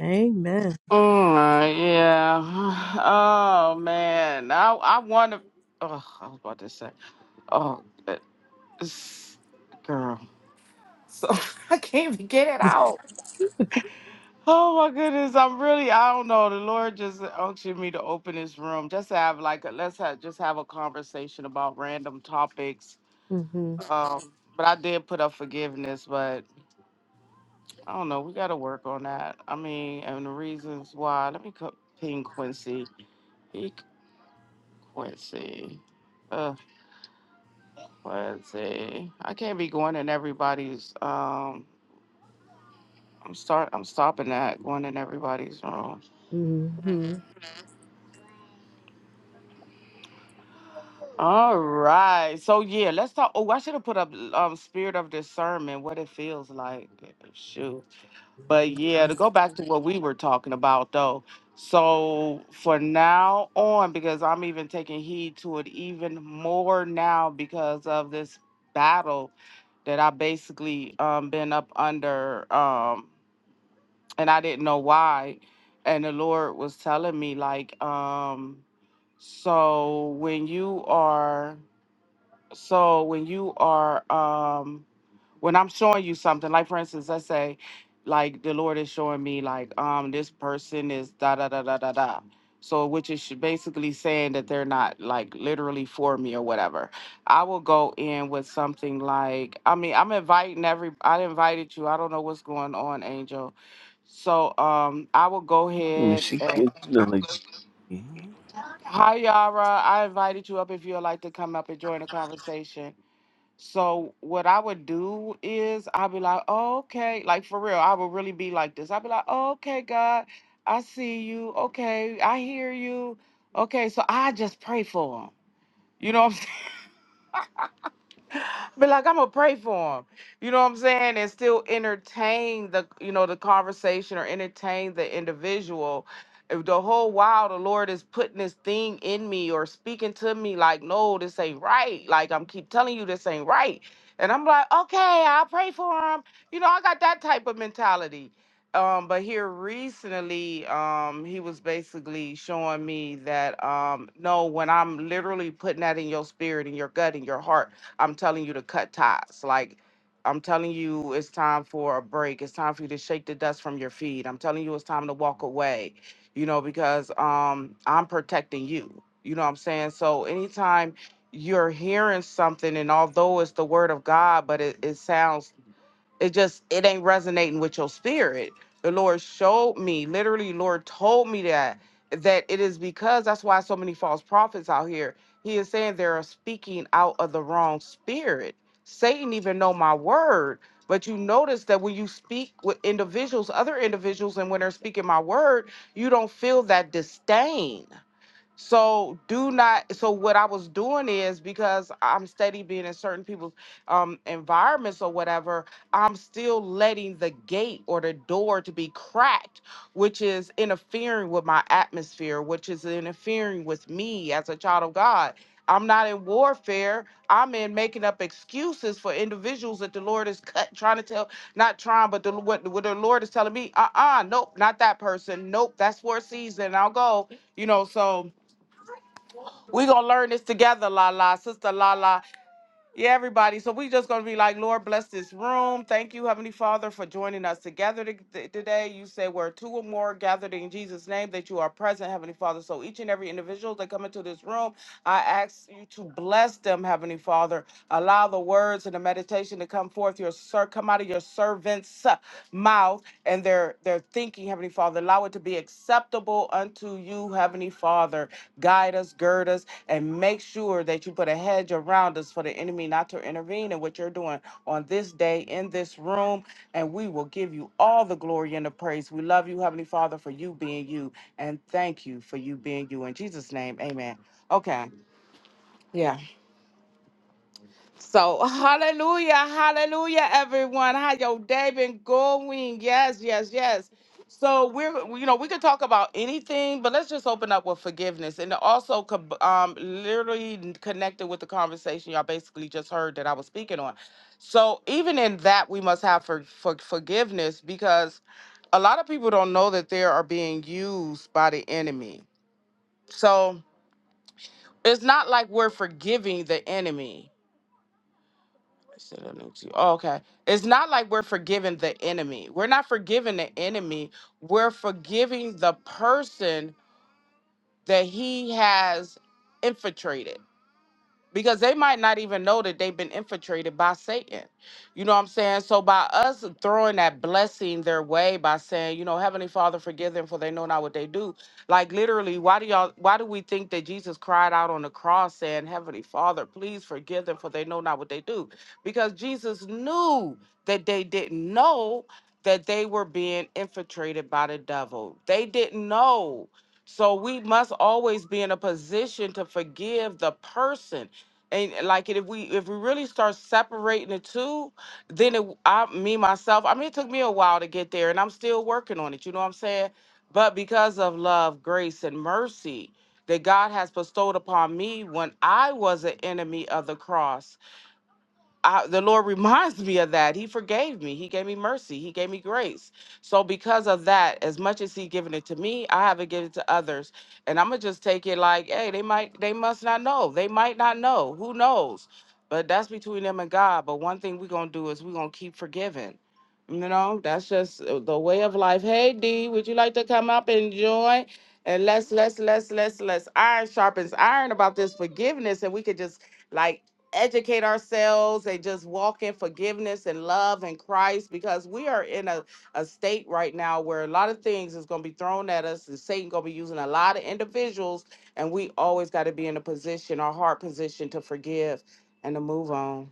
Amen. Mm, yeah. Oh man, I I want to. Oh, I was about to say. Oh, it's, girl, so I can't even get it out. Oh my goodness, I'm really. I don't know. The Lord just unctioned me to open this room, just to have like a, let's have just have a conversation about random topics. mm hmm Um, but I did put up forgiveness, but I don't know. We got to work on that. I mean, and the reasons why. Let me co- ping Quincy. Quincy. Uh, Quincy. I can't be going in everybody's. Um, I'm start. I'm stopping that going in everybody's room. mm hmm All right. So yeah, let's talk. Oh, I should have put up um spirit of discernment. What it feels like. Shoot. But yeah, to go back to what we were talking about though. So for now on, because I'm even taking heed to it even more now because of this battle that I basically um been up under um and I didn't know why. And the Lord was telling me like um so when you are so when you are um when I'm showing you something, like for instance, let's say, like the Lord is showing me, like, um, this person is da da da da da da. So, which is sh- basically saying that they're not like literally for me or whatever. I will go in with something like, I mean, I'm inviting every, I invited you. I don't know what's going on, Angel. So, um, I will go Mm, ahead She gets and like hi, Yara. I invited you up if you'd like to come up and join the conversation. So what I would do is I'd be like, oh, okay, like for real, I would really be like this. I'd be like, oh, okay, God, I see you. Okay, I hear you. Okay, so I just pray for them, You know what I'm be like, I'm gonna pray for him. You know what I'm saying? And still entertain the, you know, the conversation or entertain the individual. If The whole while the Lord is putting this thing in me or speaking to me like, no, this ain't right. Like I'm keep telling you this ain't right. And I'm like, okay, I'll pray for him. You know, I got that type of mentality. Um, but here recently, um, he was basically showing me that um, no, when I'm literally putting that in your spirit, in your gut, in your heart I'm telling you to cut ties. Like, I'm telling you, it's time for a break. It's time for you to shake the dust from your feet. I'm telling you, it's time to walk away, you know, because um, I'm protecting you. You know what I'm saying? So, anytime you're hearing something, and although it's the word of God, but it, it sounds it just it ain't resonating with your spirit the lord showed me literally lord told me that that it is because that's why so many false prophets out here he is saying they're speaking out of the wrong spirit satan even know my word but you notice that when you speak with individuals other individuals and when they're speaking my word you don't feel that disdain so do not. So what I was doing is because I'm steady being in certain people's um, environments or whatever, I'm still letting the gate or the door to be cracked, which is interfering with my atmosphere, which is interfering with me as a child of God. I'm not in warfare. I'm in making up excuses for individuals that the Lord is cut, trying to tell, not trying, but the, what, what the Lord is telling me, uh-uh, nope, not that person. Nope, that's for a season. I'll go, you know, so we're gonna learn this together, La La, Sister La La. Yeah, everybody. So we just gonna be like, Lord, bless this room. Thank you, Heavenly Father, for joining us together t- t- today. You say where two or more gathered in Jesus' name, that you are present, Heavenly Father. So each and every individual that come into this room, I ask you to bless them, Heavenly Father. Allow the words and the meditation to come forth, your sir, come out of your servant's uh, mouth and their their thinking, Heavenly Father. Allow it to be acceptable unto you, Heavenly Father. Guide us, gird us and make sure that you put a hedge around us for the enemy not to intervene in what you're doing on this day in this room. And we will give you all the glory and the praise. We love you, Heavenly Father, for you being you. And thank you for you being you. In Jesus' name, amen. Okay. Yeah. So hallelujah, hallelujah, everyone. How your day been going? Yes, yes, yes. So we're we- you know we could talk about anything, but let's just open up with forgiveness and also co- um literally n- connected with the conversation y'all basically just heard that I was speaking on. So even in that we must have for, for forgiveness because a lot of people don't know that they are being used by the enemy. So it's not like we're forgiving the enemy Instead of next year. Oh, okay. It's not like we're forgiving the enemy. We're not forgiving the enemy. We're forgiving the person that he has infiltrated because they might not even know that they've been infiltrated by Satan. You know what I'm saying? So by us throwing that blessing their way by saying, you know, Heavenly Father, forgive them for they know not what they do. Like literally, why do y'all why do we think that Jesus cried out on the cross saying, Heavenly Father, please forgive them for they know not what they do? Because Jesus knew that they didn't know that they were being infiltrated by the devil. They didn't know. So we must always be in a position to forgive the person and like it, if we if we really start separating the two, then it, I me myself. I mean, it took me a while to get there, and I'm still working on it. You know what I'm saying? But because of love, grace, and mercy that God has bestowed upon me when I was an enemy of the cross. I, the Lord reminds me of that. He forgave me. He gave me mercy. He gave me grace. So because of that, as much as He given it to me, I haven't given it to others. And I'm gonna just take it like, hey, they might, they must not know. They might not know. Who knows? But that's between them and God. But one thing we're gonna do is we're gonna keep forgiving. You know, that's just uh, the way of life. Hey D, would you like to come up and join? And let's let's let's let's let's iron sharpens iron about this forgiveness, and we could just like educate ourselves and just walk in forgiveness and love in Christ because we are in a, a state right now where a lot of things is going to be thrown at us and Satan going to be using a lot of individuals and we always got to be in a position our heart position to forgive and to move on.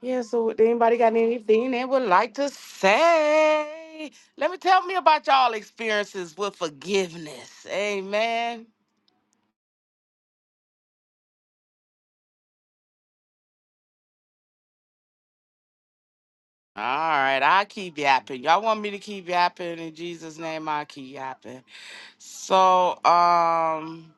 Yeah, so would anybody got anything they would like to say? Let me tell me about y'all experiences with forgiveness. Amen. All right, I keep yapping. Y'all want me to keep yapping in Jesus' name? I keep yapping. So, um,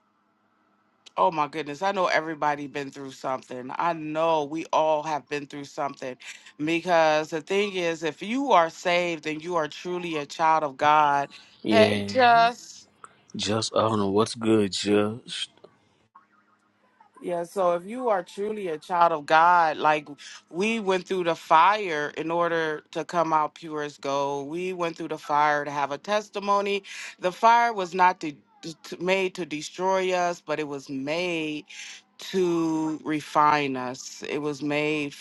oh my goodness, I know everybody been through something. I know we all have been through something because the thing is, if you are saved and you are truly a child of God, hey, yeah. Just. Just I don't know what's good. Just Yeah, so if you are truly a child of God, like we went through the fire in order to come out pure as gold. We went through the fire to have a testimony. The fire was not de- to, made to destroy us, but it was made to refine us. It was made,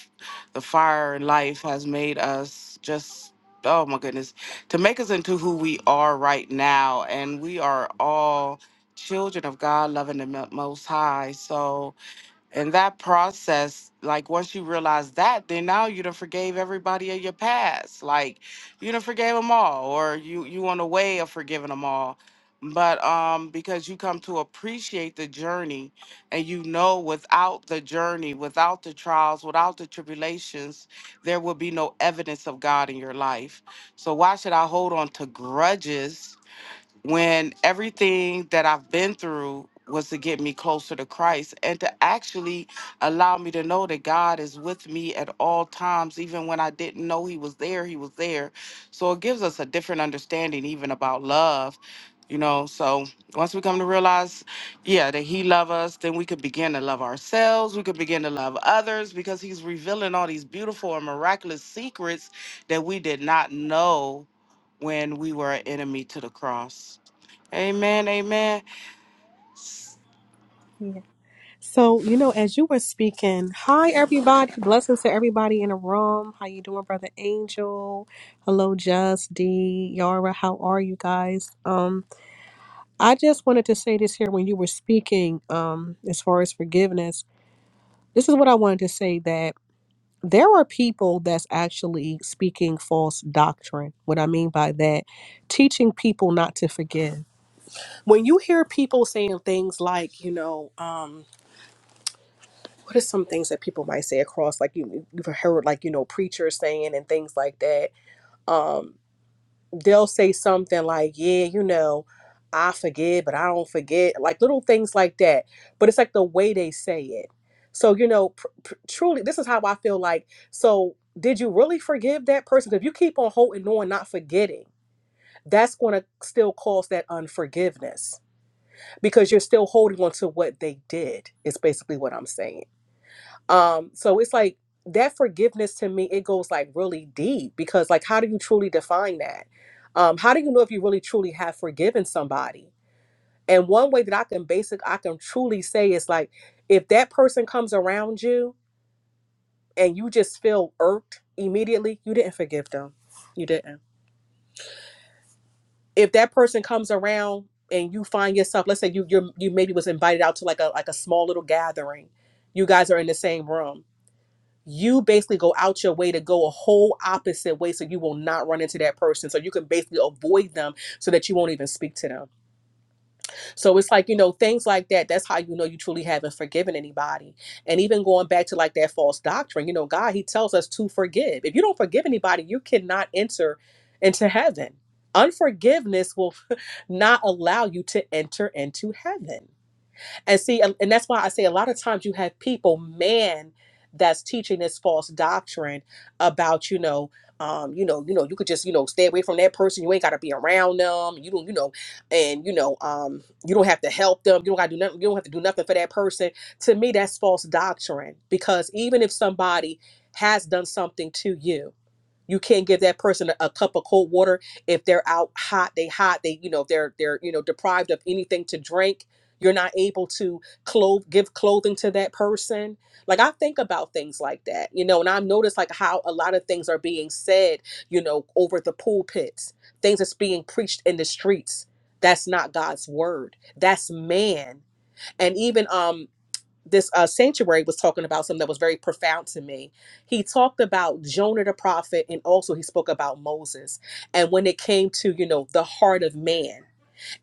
the fire in life has made us just, oh my goodness, to make us into who we are right now. And we are all children of God, loving the Mo- Most High. So, and that process, like once you realize that, then now you done forgave everybody of your past. Like you done forgave them all, or you you on the way of forgiving them all. But um, because you come to appreciate the journey, and you know without the journey, without the trials, without the tribulations, there will be no evidence of God in your life. So why should I hold on to grudges? when everything that I've been through was to get me closer to Christ and to actually allow me to know that God is with me at all times, even when I didn't know He was there, He was there. So it gives us a different understanding, even about love, you know. So once we come to realize, yeah, that He loves us, then we could begin to love ourselves, we could begin to love others because He's revealing all these beautiful and miraculous secrets that we did not know when we were an enemy to the cross. Amen. Amen. Yeah. So, you know, as you were speaking, hi everybody. Blessings to everybody in the room. How you doing, brother Angel? Hello, Just D, Yara. How are you guys? Um, I just wanted to say this here when you were speaking, um, as far as forgiveness. This is what I wanted to say that there are people that's actually speaking false doctrine. What I mean by that, teaching people not to forgive. when you hear people saying things like, you know, um, what are some things that people might say across? Like you, you've heard like you know preachers saying and things like that. Um, they'll say something like, yeah, you know, I forgive, but I don't forget, like little things like that. But it's like the way they say it. So you know, pr- pr- truly, this is how I feel like. So did you really forgive that person? 'Cause if you keep on holding on, not forgetting, that's going to still cause that unforgiveness because you're still holding on to what they did is basically what i'm saying um so it's like that forgiveness to me it goes like really deep because like how do you truly define that um how do you know if you really truly have forgiven somebody and one way that i can basic i can truly say is like if that person comes around you and you just feel irked immediately you didn't forgive them you didn't if that person comes around and you find yourself let's say you you're, you maybe was invited out to like a like a small little gathering you guys are in the same room you basically go out your way to go a whole opposite way so you will not run into that person so you can basically avoid them so that you won't even speak to them so it's like, you know, things like that. That's how you know you truly haven't forgiven anybody. And even going back to like that false doctrine, you know, God, He tells us to forgive. If you don't forgive anybody, you cannot enter into heaven. Unforgiveness will not allow you to enter into heaven. And see, and and that's why I say a lot of times you have people, man, that's teaching this false doctrine about, you know, um, you know, you know, you could just, you know, stay away from that person. You ain't gotta be around them. You don't, you know, and you know, um, you don't have to help them. You don't gotta do nothing. You don't have to do nothing for that person. To me, that's false doctrine because even if somebody has done something to you, you can't give that person a, a cup of cold water if they're out hot, they hot, they you know, they're they're you know, deprived of anything to drink. You're not able to clothe give clothing to that person. Like I think about things like that, you know, and I've noticed like how a lot of things are being said, you know, over the pulpits, things that's being preached in the streets. That's not God's word. That's man. And even um this uh, sanctuary was talking about something that was very profound to me. He talked about Jonah the prophet, and also he spoke about Moses. And when it came to you know the heart of man,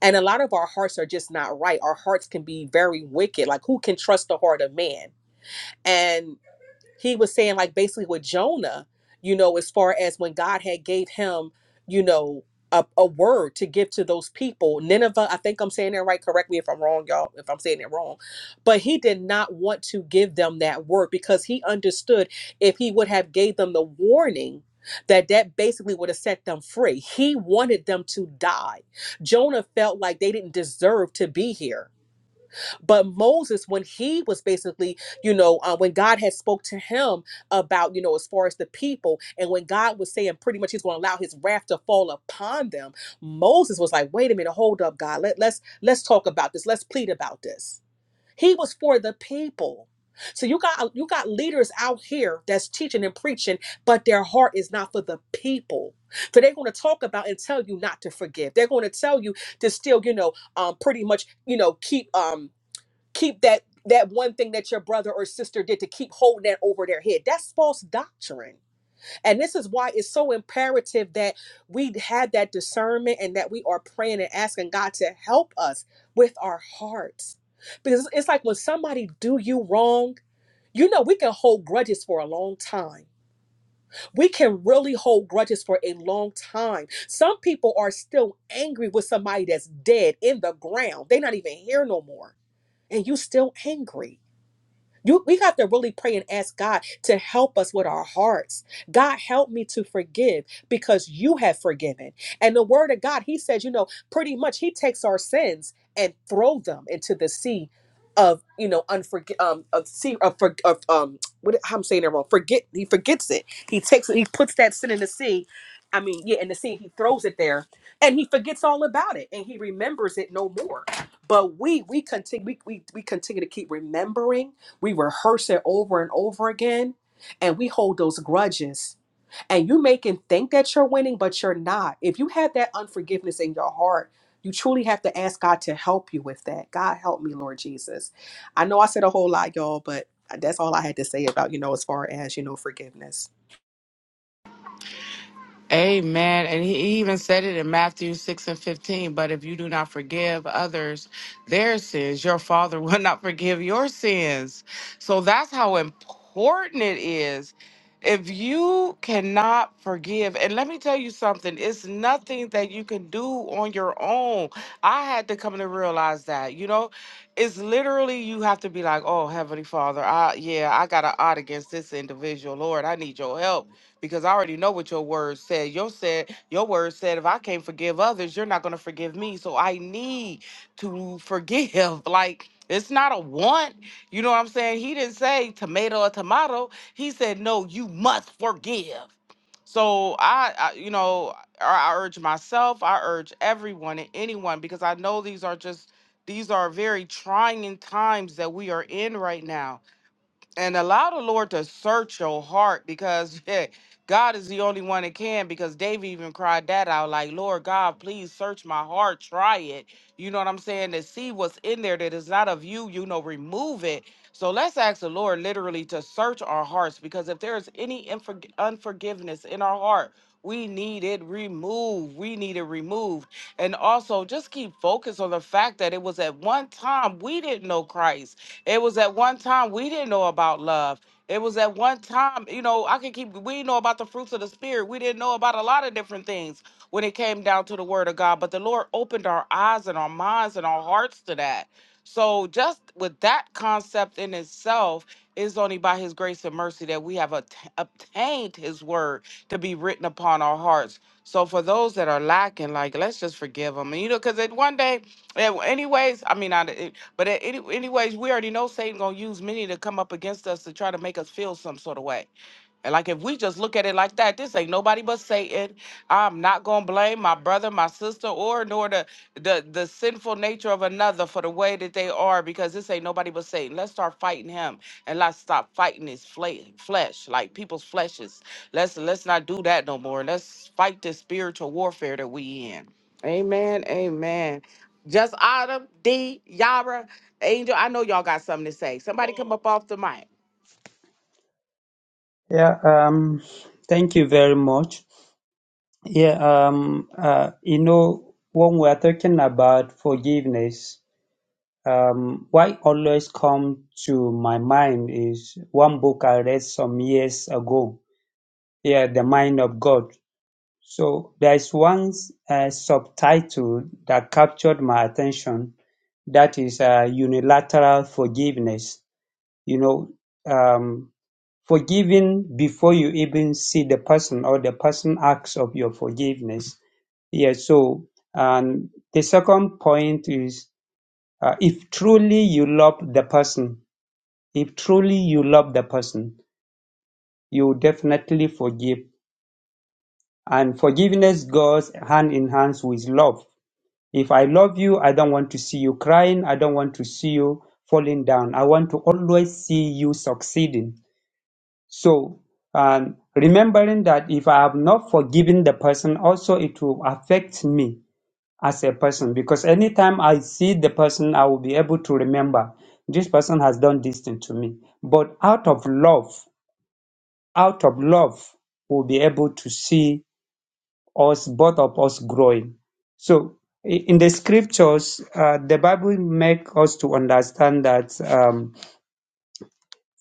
and a lot of our hearts are just not right. Our hearts can be very wicked. Like who can trust the heart of man? And he was saying like basically with Jonah, you know, as far as when God had gave him, you know, a, a word to give to those people. Nineveh, I think I'm saying that right. Correct me if I'm wrong, y'all, if I'm saying it wrong. But he did not want to give them that word because he understood if he would have gave them the warning that that basically would have set them free. He wanted them to die. Jonah felt like they didn't deserve to be here but moses when he was basically you know uh, when god had spoke to him about you know as far as the people and when god was saying pretty much he's going to allow his wrath to fall upon them moses was like wait a minute hold up god Let, let's let's talk about this let's plead about this he was for the people so you got you got leaders out here that's teaching and preaching but their heart is not for the people so they're going to talk about and tell you not to forgive they're going to tell you to still you know um, pretty much you know keep um, keep that that one thing that your brother or sister did to keep holding that over their head that's false doctrine and this is why it's so imperative that we have that discernment and that we are praying and asking god to help us with our hearts because it's like when somebody do you wrong you know we can hold grudges for a long time we can really hold grudges for a long time some people are still angry with somebody that's dead in the ground they're not even here no more and you still angry you, we have to really pray and ask God to help us with our hearts. God, help me to forgive because you have forgiven. And the word of God, he says, you know, pretty much he takes our sins and throw them into the sea of, you know, unforg um, of sea of, for- of um, what I'm saying it wrong. Forget, he forgets it. He takes it, he puts that sin in the sea. I mean, yeah, in the sea, he throws it there and he forgets all about it and he remembers it no more. But we, we continue, we, we, we continue to keep remembering we rehearse it over and over again and we hold those grudges. And you make him think that you're winning, but you're not. If you have that unforgiveness in your heart, you truly have to ask God to help you with that. God help me, Lord Jesus. I know I said a whole lot, y'all, but that's all I had to say about, you know, as far as, you know, forgiveness. Amen. And he he even said it in Matthew 6 and 15. But if you do not forgive others their sins, your Father will not forgive your sins. So that's how important it is. If you cannot forgive, and let me tell you something, it's nothing that you can do on your own. I had to come to realize that, you know, it's literally you have to be like, oh, Heavenly Father, I, yeah, I got an odd against this individual. Lord, I need your help because I already know what your word said. Your said your word said if I can't forgive others, you're not gonna forgive me. So I need to forgive. Like it's not a want. You know what I'm saying? He didn't say tomato or tomato. He said, no, you must forgive. So I, I you know, I, I urge myself, I urge everyone and anyone because I know these are just these are very trying times that we are in right now and allow the Lord to search your heart because yeah, God is the only one that can. Because David even cried that out, like, Lord God, please search my heart, try it. You know what I'm saying? To see what's in there that is not of you, you know, remove it. So let's ask the Lord literally to search our hearts because if there is any unforg- unforgiveness in our heart, we need it removed. We need it removed. And also just keep focused on the fact that it was at one time we didn't know Christ it was at one time we didn't know about love. It was at one time, you know, I can keep, we didn't know about the fruits of the Spirit. We didn't know about a lot of different things when it came down to the Word of God, but the Lord opened our eyes and our minds and our hearts to that. So, just with that concept in itself, it's only by His grace and mercy that we have obta- obtained His Word to be written upon our hearts. So, for those that are lacking, like, let's just forgive them. And, you know, because it one day, eh, anyways, I mean, I. But a- any, anyways, we already know Satan gonna use many to come up against us to try to make us feel some sort of way. And like if we just look at it like that, this ain't nobody but Satan. I'm not gonna blame my brother, my sister, or nor the the the sinful nature of another for the way that they are, because this ain't nobody but Satan. Let's start fighting him, and let's stop fighting his fle- flesh, like people's fleshes. Let's let's not do that no more. Let's fight this spiritual warfare that we in. Amen. Amen. Just Autumn, D, Yara, Angel. I know y'all got something to say. Somebody come up off the mic. Yeah, um, thank you very much. Yeah, um, uh, you know, when we are talking about forgiveness, um, what always comes to my mind is one book I read some years ago. Yeah, The Mind of God. So there's one uh, subtitle that captured my attention. That is uh, unilateral forgiveness. You know, um, Forgiven before you even see the person or the person acts of your forgiveness. Yeah, so and the second point is uh, if truly you love the person, if truly you love the person, you definitely forgive. And forgiveness goes hand in hand with love. If I love you, I don't want to see you crying. I don't want to see you falling down. I want to always see you succeeding. So, um, remembering that if I have not forgiven the person, also it will affect me as a person because anytime I see the person, I will be able to remember this person has done this thing to me. But out of love, out of love, we'll be able to see us, both of us growing. So, i- in the scriptures, uh, the Bible make us to understand that um,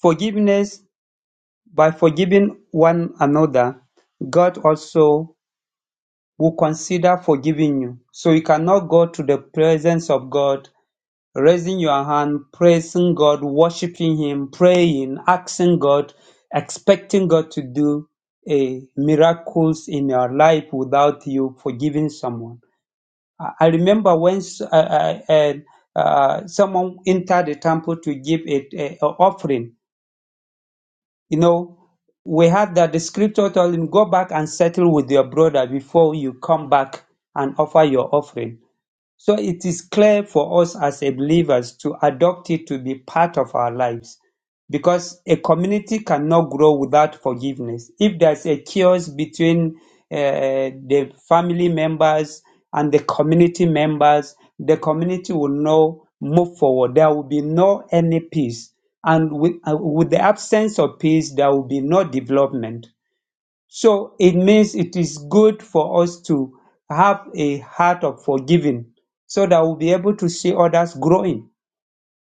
forgiveness By forgiving one another, God also will consider forgiving you. So you cannot go to the presence of God, raising your hand, praising God, worshiping Him, praying, asking God, expecting God to do a miracles in your life without you forgiving someone. I I remember once uh, uh, uh, someone entered the temple to give a, a- a offering, You know, we had that the scripture told him, Go back and settle with your brother before you come back and offer your offering. So it is clear for us as a believers to adopt it to be part of our lives because a community cannot grow without forgiveness. If there's a chaos between uh, the family members and the community members, the community will not move forward. There will be no any peace. And with, uh, with the absence of peace, there will be no development. So it means it is good for us to have a heart of forgiving so that we'll be able to see others growing.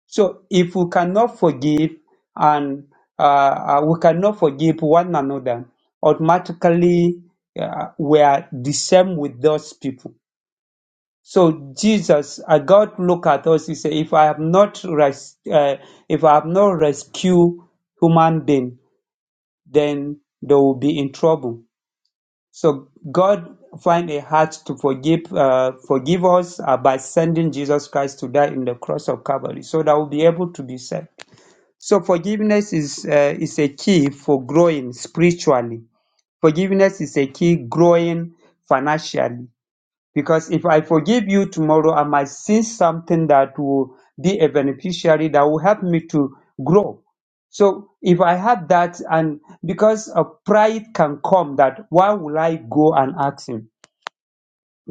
So if we cannot forgive and uh, uh, we cannot forgive one another, automatically uh, we are the same with those people. So Jesus, uh, God look at us. He said, "If I have not res- uh, if I have not rescued human being, then they will be in trouble." So God find a heart to forgive uh, forgive us uh, by sending Jesus Christ to die in the cross of Calvary, so that we'll be able to be saved. So forgiveness is uh, is a key for growing spiritually. Forgiveness is a key growing financially. Because if I forgive you tomorrow, I might see something that will be a beneficiary that will help me to grow. So if I had that, and because of pride can come that why will I go and ask him?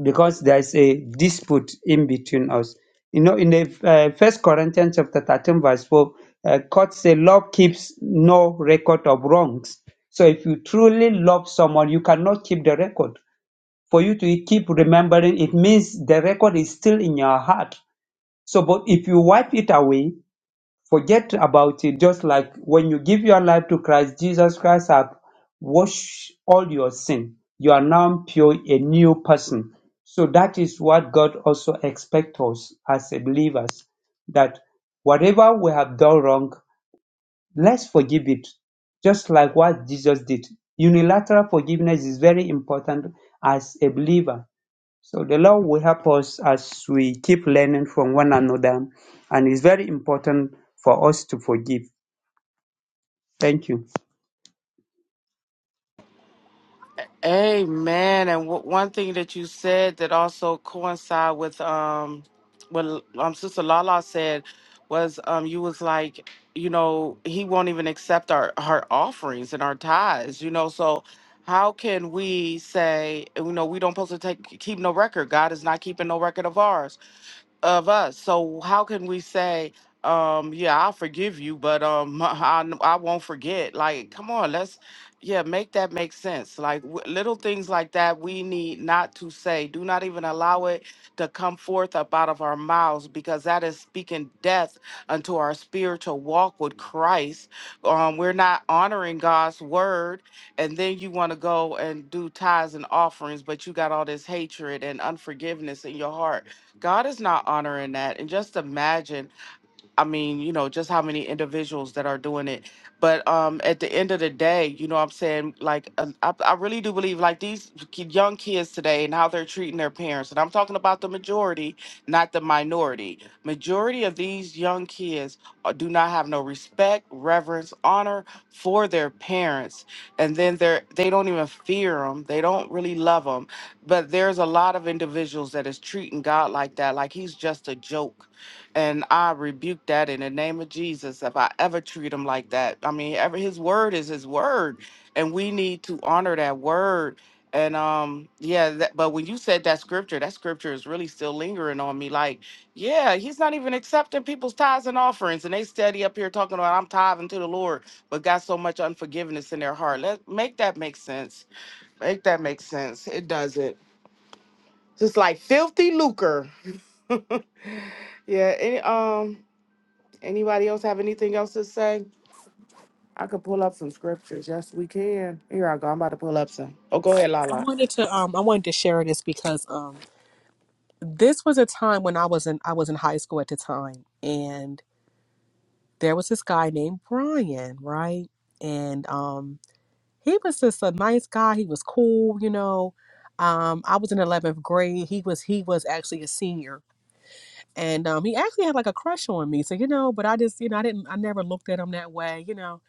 Because there's a dispute in between us. You know, in the uh, First Corinthians chapter 13, verse 4, uh, God says, Love keeps no record of wrongs. So if you truly love someone, you cannot keep the record for you to keep remembering it means the record is still in your heart so but if you wipe it away forget about it just like when you give your life to christ jesus christ have washed all your sin you are now pure a new person so that is what god also expects us as believers that whatever we have done wrong let's forgive it just like what jesus did unilateral forgiveness is very important as a believer so the law will help us as we keep learning from one another, and it's very important for us to forgive. Thank you. Amen. And w- one thing that you said that also coincide with um what um Sister Lala said was um you was like you know he won't even accept our her offerings and our tithes you know so how can we say you know we don't supposed to take keep no record God is not keeping no record of ours of us. So how can we say, um, yeah, I'll forgive you, but um, I, I won't forget? Like, come on, let's, yeah, make that make sense. Like w- little things like that, we need not to say. Do not even allow it to come forth up out of our mouths, because that is speaking death unto our spiritual walk with Christ. Um, we're not honoring God's word, and then you want to go and do tithes and offerings, but you got all this hatred and unforgiveness in your heart God is not honoring that. And just imagine I mean, you know, just how many individuals that are doing it. But um, at the end of the day, you know what I'm saying? Like, um, I, I really do believe, like, these ki- young kids today and how they're treating their parents. And I'm talking about the majority, not the minority. Majority of these young kids uh, do not have no respect, reverence, honor for their parents. And then they're, they don't even fear them. They don't really love them. But there's a lot of individuals that is treating God like that. Like, he's just a joke and I rebuke that in the name of Jesus. If I ever treat him like that, I mean, ever his word is his word, and we need to honor that word. And um, yeah. That, but when you said that scripture, that scripture is really still lingering on me. Like, yeah, he's not even accepting people's tithes and offerings, and they steady up here talking about I'm tithing to the Lord, but got so much unforgiveness in their heart. Let make that make sense. Make that make sense. It doesn't. Just like filthy lucre. Yeah. Any, um. Anybody else have anything else to say? I could pull up some scriptures. Yes, we can. Here I go. I'm about to pull up some. Oh, go ahead, I Lala. wanted to um I wanted to share this because um this was a time when I was in I was in high school at the time and there was this guy named Brian, right? And um he was just a nice guy. He was cool, you know. Um, I was in eleventh grade. He was he was actually a senior, and um, he actually had like a crush on me. So you know, but I just you know I didn't I never looked at him that way, you know.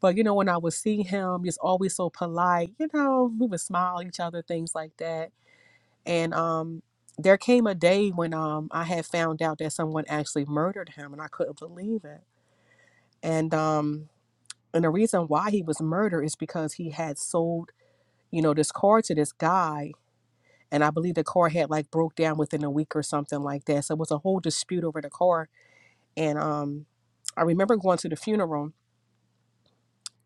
But you know when I would see him, he's always so polite. You know, we would smile at each other, things like that. And um, there came a day when um I had found out that someone actually murdered him, and I couldn't believe it. And um, and the reason why he was murdered is because he had sold you know, this car to this guy. And I believe the car had like broke down within a week or something like that. So it was a whole dispute over the car. And um, I remember going to the funeral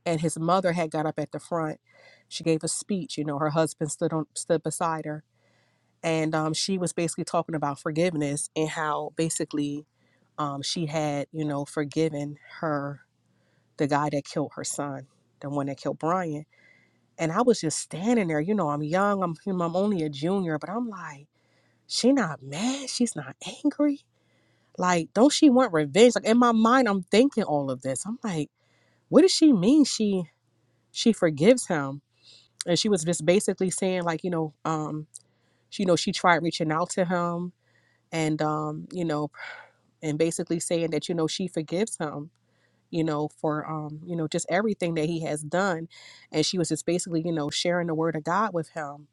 and his mother had got up at the front. She gave a speech, you know, her husband stood on stood beside her. And um, she was basically talking about forgiveness and how basically um, she had, you know, forgiven her, the guy that killed her son, the one that killed Brian. And I was just standing there, you know, I'm young, I'm, I'm only a junior, but I'm like, she not mad she's not angry like don't she want revenge like in my mind i'm thinking all of this i'm like what does she mean she she forgives him and she was just basically saying like you know um she, you know she tried reaching out to him and um you know and basically saying that you know she forgives him you know for um you know just everything that he has done and she was just basically you know sharing the word of god with him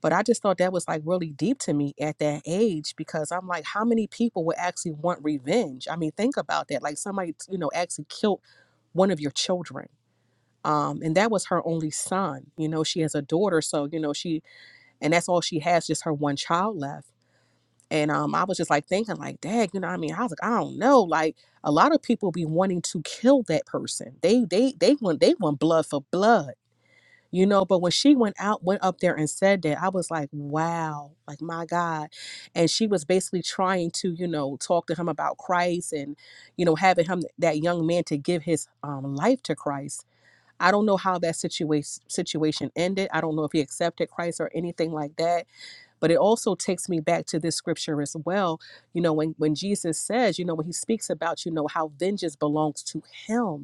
But I just thought that was like really deep to me at that age because I'm like, how many people would actually want revenge? I mean, think about that. Like somebody, you know, actually killed one of your children. Um, and that was her only son. You know, she has a daughter, so you know she, and that's all she has, just her one child left. And um, I was just like thinking, like, Dad, you know, what I mean, I was like, I don't know, like a lot of people be wanting to kill that person. They, they, they want, they want blood for blood you know but when she went out went up there and said that i was like wow like my god and she was basically trying to you know talk to him about christ and you know having him that young man to give his um, life to christ i don't know how that situation situation ended i don't know if he accepted christ or anything like that but it also takes me back to this scripture as well you know when when jesus says you know when he speaks about you know how vengeance belongs to him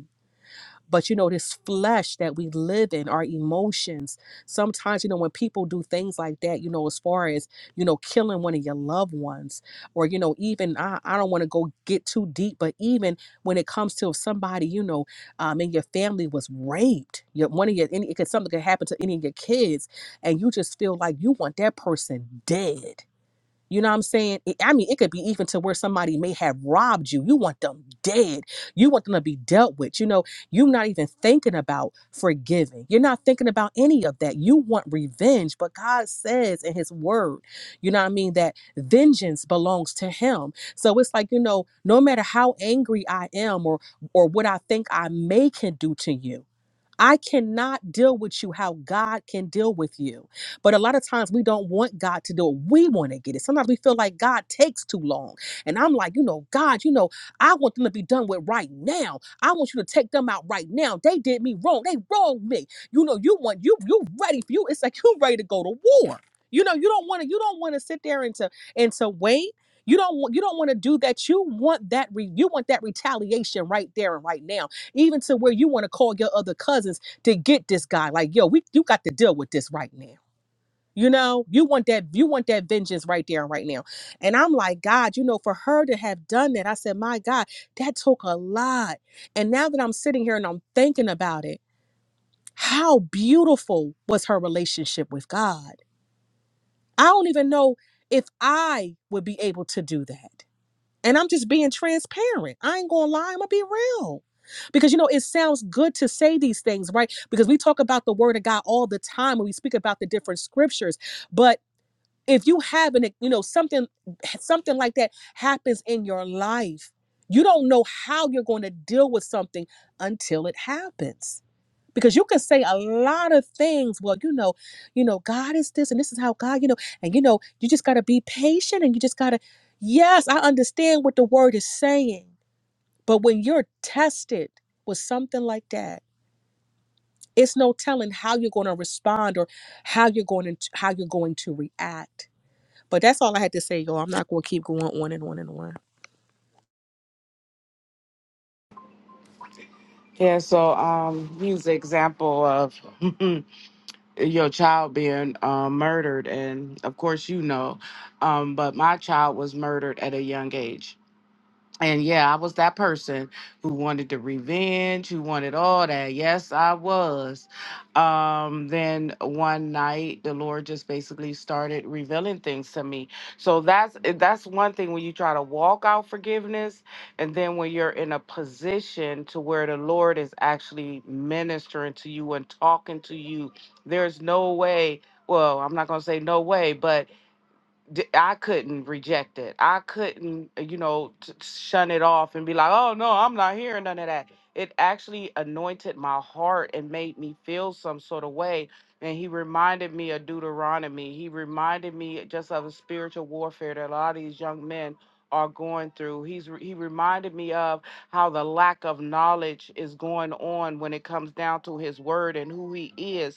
but you know, this flesh that we live in, our emotions, sometimes, you know, when people do things like that, you know, as far as, you know, killing one of your loved ones, or, you know, even, I, I don't want to go get too deep, but even when it comes to if somebody, you know, um, in your family was raped, your, one of your, any, because something could happen to any of your kids, and you just feel like you want that person dead you know what I'm saying? It- I mean, it could be even to where somebody may have robbed you. You want them dead. You want them to be dealt with. You know, you're not even thinking about forgiving. You're not thinking about any of that. You want revenge. But God says in His Word, you know what I mean, that vengeance belongs to Him. So it's like, you know, no matter how angry I am or or what I think I may can do to you, I cannot deal with you how God can deal with you. But a lot of times we don't want God to do it. We want to get it. Sometimes we feel like God takes too long. And I'm like, you know, God, you know, I want them to be done with right now. I want you to take them out right now. They did me wrong. They wronged me. You know, you want you you ready for you. It's like you ready to go to war. You know, you don't want to you don't want to sit there and to and to wait. You don't want you don't want to do that. You want that re, you want that retaliation right there and right now even to where you want to call your other cousins to get this guy. Like, yo, we you got to deal with this right now. You know, you want that you want that vengeance right there and right now. And I'm like, God, you know, for her to have done that, I said, my God, that took a lot. And now that I'm sitting here and I'm thinking about it, how beautiful was her relationship with God? I don't even know if I would be able to do that. And I'm just being transparent. I ain't gonna lie, I'm gonna be real. Because you know, it sounds good to say these things, right? Because we talk about the word of God all the time and we speak about the different scriptures. But if you have an, you know, something something like that happens in your life, you don't know how you're going to deal with something until it happens because you can say a lot of things well you know you know god is this and this is how god you know and you know you just got to be patient and you just got to yes i understand what the word is saying but when you're tested with something like that it's no telling how you're going to respond or how you're going to how you're going to react but that's all i had to say y'all i'm not going to keep going on and on and on Yeah, so um use the example of your child being um, murdered and of course you know. Um, but my child was murdered at a young age. And yeah, I was that person who wanted the revenge, who wanted all that. Yes, I was. Um, then one night, the Lord just basically started revealing things to me. So that's eh, that's one thing when you try to walk out forgiveness, and then when you're in a position to where the Lord is actually ministering to you and talking to you, there's no way. Well, I'm not gonna say no way, but d- I couldn't reject it. I couldn't, uh, you know, t- shun it off and be like, "Oh no, I'm not hearing none of that." It actually anointed my heart and made me feel some sort of way. And he reminded me of Deuteronomy. He reminded me just of the spiritual warfare that a lot of these young men are going through. He's re- he reminded me of how the lack of knowledge is going on when it comes down to his word and who he is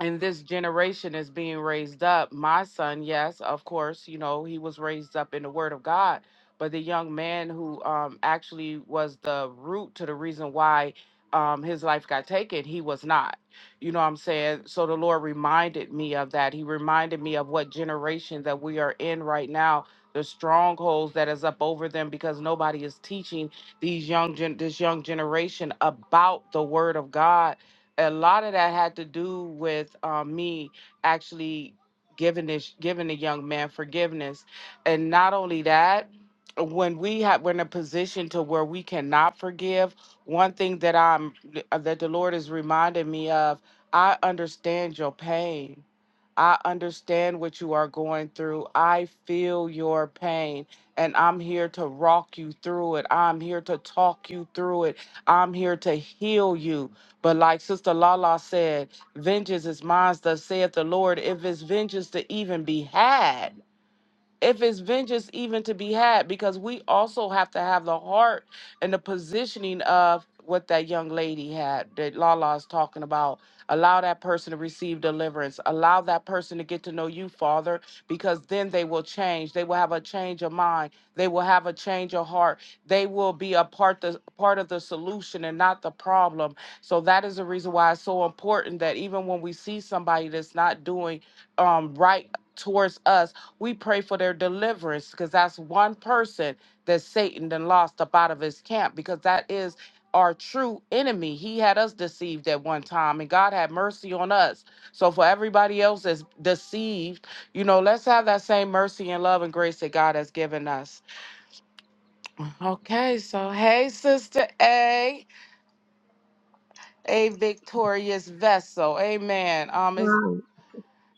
and this generation is being raised up. My son, yes, of course, you know, he was raised up in the word of God, but the young man who um actually was the root to the reason why um his life got taken, he was not. You know what I'm saying? So the Lord reminded me of that. He reminded me of what generation that we are in right now. The strongholds that is up over them because nobody is teaching these young gen- this young generation about the word of God a lot of that had to do with um, me actually giving this giving the young man forgiveness and not only that when we have we're in a position to where we cannot forgive one thing that i'm uh, that the lord has reminded me of i understand your pain i understand what you are going through i feel your pain and i'm here to rock you through it i'm here to talk you through it i'm here to heal you but like Sister Lala said, vengeance is mine, thus saith the Lord. If it's vengeance to even be had, if it's vengeance even to be had because we also have to have the heart and the positioning of what that young lady had that Lala's talking about allow that person to receive deliverance allow that person to get to know you father because then they will change they will have a change of mind they will have a change of heart they will be a part the part of the solution and not the problem so that is the reason why it's so important that even when we see somebody that's not doing um right towards us we pray for their deliverance because that's one person that Satan then lost up out of his camp because that is our true enemy. He had us deceived at one time and God had mercy on us. So for everybody else that's deceived, you know, let's have that same mercy and love and grace that God has given us. Okay, so hey, Sister A, a victorious vessel. Amen. Um, is Right.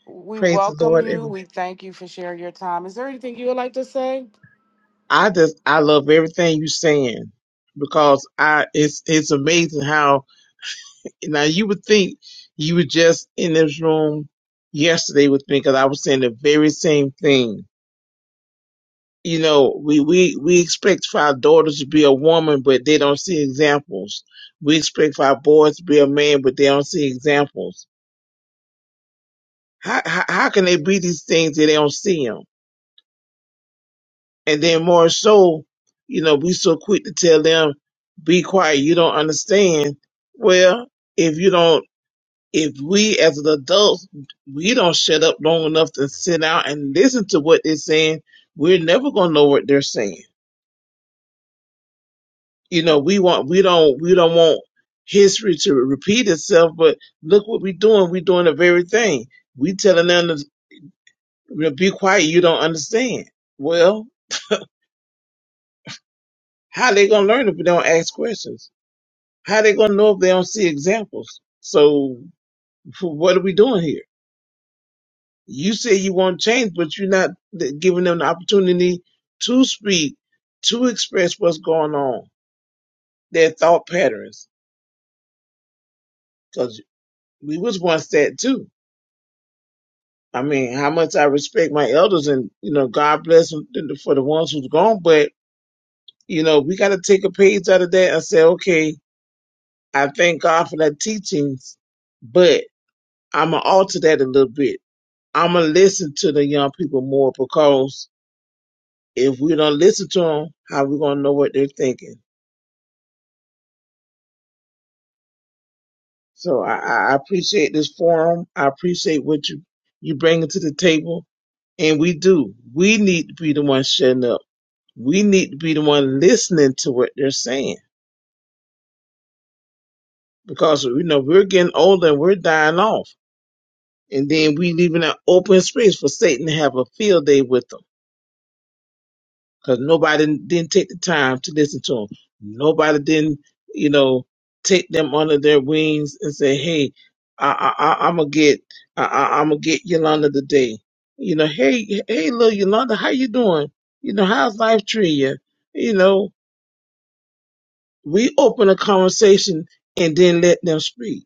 we Praise the welcome Lord. you. Every- We thank you for sharing your time. Is there anything you would like to say? I just I love everything you are saying because I it's it's amazing how now you would think you were just in this room yesterday with me because I was saying the very same thing. You know, we, we, we expect for our daughters to be a woman, but they don't see examples. We expect for our boys to be a man, but they don't see examples. How, how, how can they be these things if they don't see 'em? And then more so, you know, we so quick to tell them, be quiet, you don't understand. Well, if you don't, if we as an adult, we don't shut up long enough to sit out and listen to what they're saying, we're never going to know what they're saying. You know, we want, we don't, we don't want history to repeat itself, but look what we're doing. We're doing the very thing. We telling them to you know, be quiet, you don't understand. Well, how they going to learn if we don't ask questions? How they gonna know if they don't see examples? So what are we doing here? You say you want change, but you're not giving them the opportunity to speak, to express what's going on, their thought patterns. Because we was once that too. I mean, how much I respect my elders, and you know, God bless them for the ones who's gone. But you know, we got to take a page out of that and say, okay, I thank God for that teachings, but I'm gonna alter that a little bit I'm gonna listen to the young people more because if we don't listen to them, how we gonna know what they're thinking? So I, I I appreciate this forum. I appreciate what you you bringing to the table, and we do. We need to be the one shutting up. We need to be the one listening to what they're saying because you know we're getting older and we're dying off, and then we leaving an open space for Satan to have a field day with them. because nobody didn't take the time to listen to them. Nobody didn't, you know, take them under their wings and say, "Hey, I, I, I, I'm gonna get, I, I, I'm gonna get Yolanda today." You know, hey, hey, little Yolanda, how you doing? You know, how's life treating you? You know, we open a conversation and then let them speak.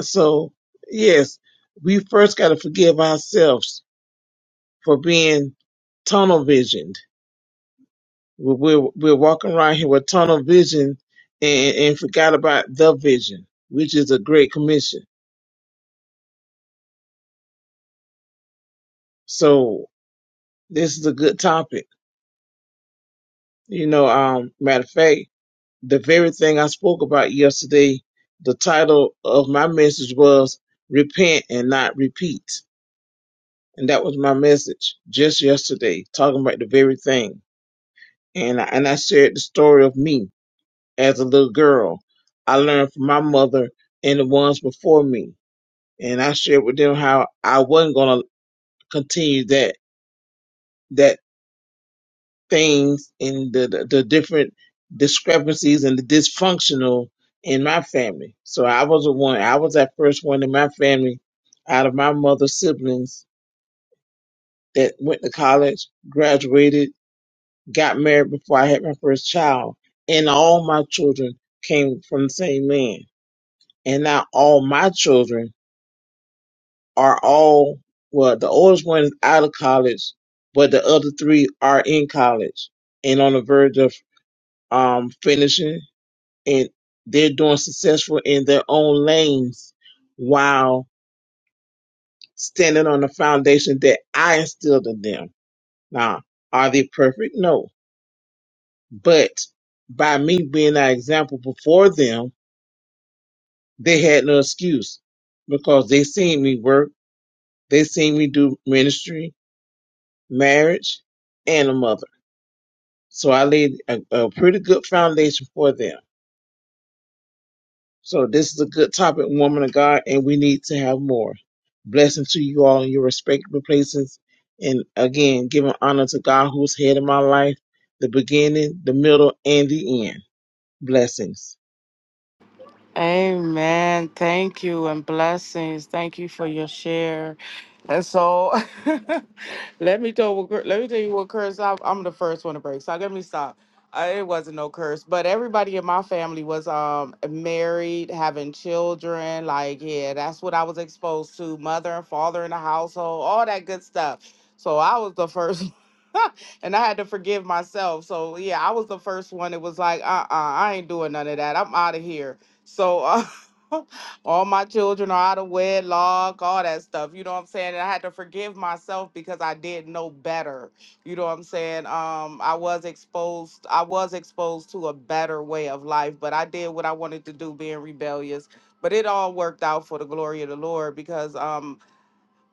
So, yes, we first got to forgive ourselves for being tunnel visioned We- We're, we're walking around here with tunnel vision and, and forgot about the vision, which is a great commission. So this is a good topic. You know, um, matter of fact, the very thing I spoke about yesterday, the title of my message was repent and not repeat. And that was my message just yesterday, talking about the very thing. And I, and I shared the story of me as a little girl. I learned from my mother and the ones before me and I shared with them how I wasn't going to continue that that things and the, the the different discrepancies and the dysfunctional in my family. So I was the one. I was that first one in my family out of my mother's siblings that went to college, graduated, got married before I had my first child, and all my children came from the same man. And now all my children are all well, the oldest one is out of college, but the other three are in college and on the verge of um finishing and they're doing successful in their own lanes while standing on the foundation that I instilled in them. Now, are they perfect? No. But by me being that example before them, they had no excuse because they seen me work, they seen me do ministry, marriage, and a mother. So I laid a, a pretty good foundation for them. So this is a good topic, woman of God, and we need to have more. Blessing to you all in your respective places. And again, giving honor to God who's head of my life, the beginning, the middle, and the end. Blessings. Amen. Thank you and blessings. Thank you for your share. And so let me tell what let me tell you what curse I, I'm the first one to break. So let me stop. I, it wasn't no curse, but everybody in my family was um married, having children. Like yeah, that's what I was exposed to. Mother and father in the household, all that good stuff. So I was the first and I had to forgive myself. So yeah, I was the first one. It was like, uh, uh I ain't doing none of that. I'm out of here. So uh, all my children are out of wedlock, all that stuff. You know what I'm saying? And I had to forgive myself because I did know better. You know what I'm saying? Um, I was exposed. I was exposed to a better way of life, but I did what I wanted to do, being rebellious. But it all worked out for the glory of the Lord because um,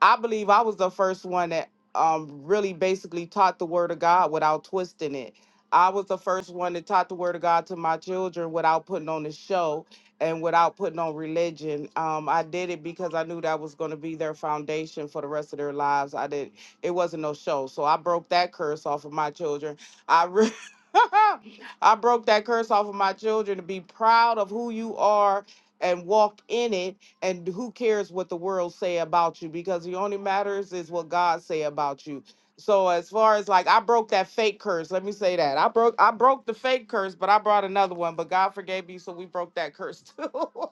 I believe I was the first one that um really basically taught the word of God without twisting it. I was the first one that taught the word of God to my children without putting on a show and without putting on religion. Um, I did it because I knew that was going to be their foundation for the rest of their lives. I didn't. It wasn't no show, so I broke that curse off of my children. I. Re- I broke that curse off of my children to be proud of who you are and walk in it and who cares what the world say about you because the only matters is what God say about you. So as far as like I broke that fake curse, let me say that. I broke I broke the fake curse, but I brought another one, but God forgave me so we broke that curse too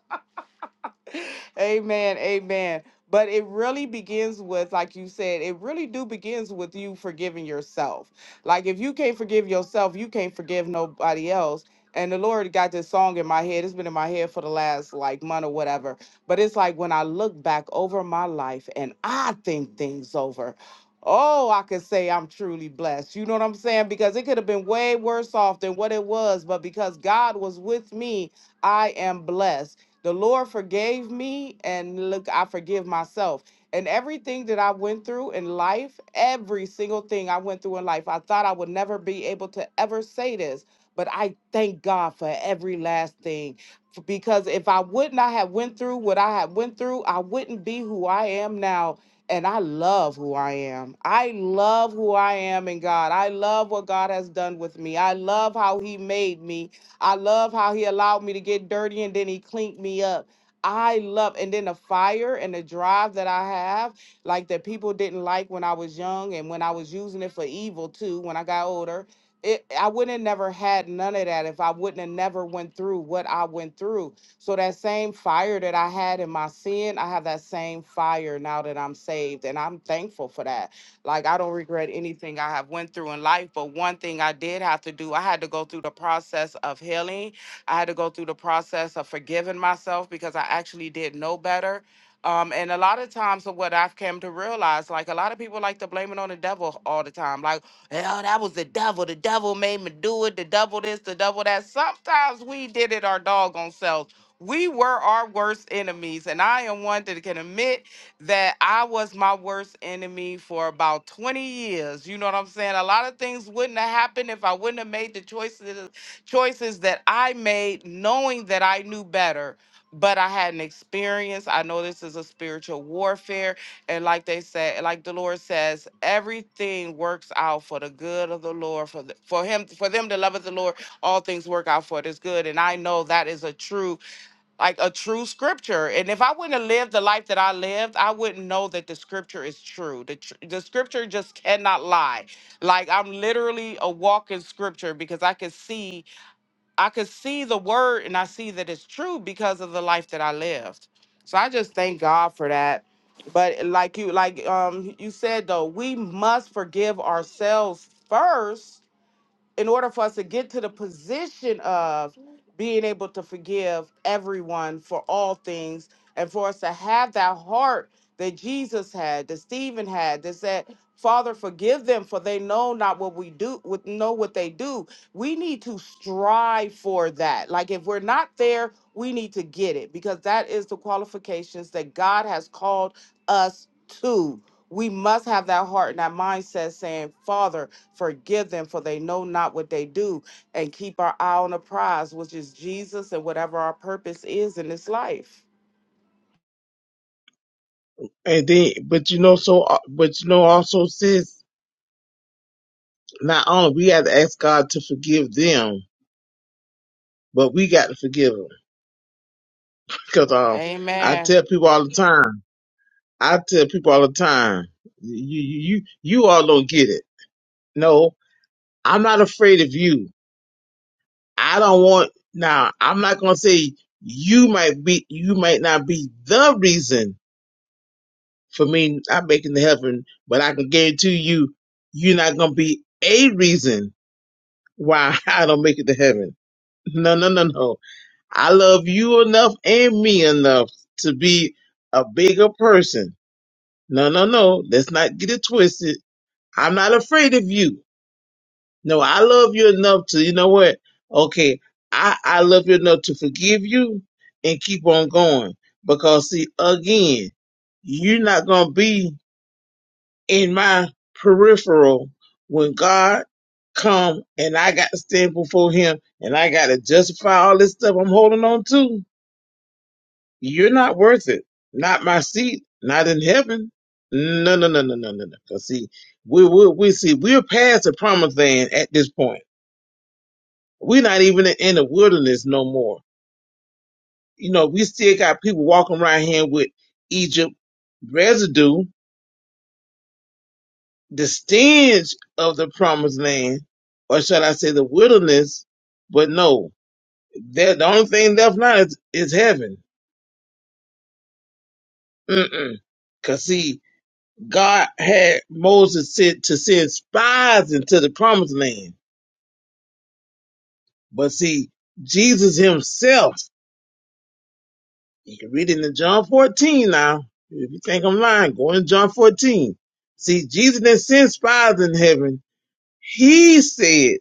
amen. Amen. But it really begins with, like you said, it really do begins with you forgiving yourself. Like if you can't forgive yourself, you can't forgive nobody else. And the Lord got this song in my head. It's been in my head for the last like month or whatever. But it's like when I look back over my life and I think things over. Oh, I could say I'm truly blessed. You know what I'm saying? Because it could have been way worse off than what it was, but because God was with me, I am blessed. The Lord forgave me, and look, I forgive myself. And everything that I went through in life, every single thing I went through in life, I thought I would never be able to ever say this, but I thank God for every last thing. F- Because if I would not have went through what I had went through, I wouldn't be who I am now. And I love who I am. I love who I am in God. I love what God has done with me. I love how He made me. I love how he allowed me to get dirty and then he cleaned me up. I love, and then the fire and the drive that I have, like that people didn't like when I was young and when I was using it for evil too, when I got older. It, I wouldn't have never had none of that if I wouldn't have never went through what I went through. So that same fire that I had in my sin, I have that same fire now that I'm saved, and I'm thankful for that. Like I don't regret anything I have went through in life, but one thing I did have to do, I had to go through the process of healing. I had to go through the process of forgiving myself because I actually did know better. Um, and a lot of times of what I've come to realize, like a lot of people like to blame it on the devil all the time. Like, hell, that was the devil. The devil made me do it. The devil this, the devil that. Sometimes we did it our doggone selves. We were our worst enemies. And I am one that can admit that I was my worst enemy for about 20 years. You know what I'm saying? A lot of things wouldn't have happened if I wouldn't have made the choices choices that I made knowing that I knew better. But I had an experience. I know this is a spiritual warfare. And like they said, like the Lord says, everything works out for the good of the Lord, for the, for him, for them that loveth the Lord, all things work out for this good. And I know that is a true like a true scripture. And if I wouldn't have lived the life that I lived, I wouldn't know that the scripture is true. The, tr- the scripture just cannot lie. Like I'm literally a walking scripture because I could see, I could see the word and I see that it's true because of the life that I lived. So I just thank God for that. But like you, like um you said though, we must forgive ourselves first in order for us to get to the position of being able to forgive everyone for all things and for us to have that heart that Jesus had, that Stephen had, that said, Father, forgive them, for they know not what we do, with know what they do. We need to strive for that. Like if we're not there, we need to get it because that is the qualifications that God has called us to. We must have that heart and that mindset saying, Father, Forgive them, for they know not what they do, and keep our eye on the prize, which is Jesus and whatever our purpose is in this life. And then, but you know, so, uh, but you know, also, sis, not only we have to ask God to forgive them, but we got to forgive them. Because um, I Amen. tell people all the time, I tell people all the time, you you you all don't get it. No, I'm not afraid of you. I don't want now. I'm not gonna say you might be you might not be the reason for me not making the heaven, but I can guarantee you, you're not gonna be a reason why I don't make it to heaven. No, no, no, no. I love you enough and me enough to be a bigger person. No, no, no. Let's not get it twisted. I'm not afraid of you. No, I love you enough to, you know what? Okay, I, I love you enough to forgive you and keep on going. Because see, again, you're not gonna be in my peripheral when God come and I got to stand before him and I gotta justify all this stuff I'm holding on to. You're not worth it. Not my seat, not in heaven. No, no, no, no, no, no, no. Cause see, we we we see we're past the promised land at this point We're not even in the wilderness no more. You know, we still got people walking around here with Egypt residue, the stench of the promised land, or should I say the wilderness. But no, that the only thing left now is, is heaven. Mm-mm. Cause see, God had Moses sent to send spies into the promised land. But see, Jesus himself You can read it in John 14 now. If you think I'm lying, go in John 14. See, Jesus didn't send spies in heaven. He said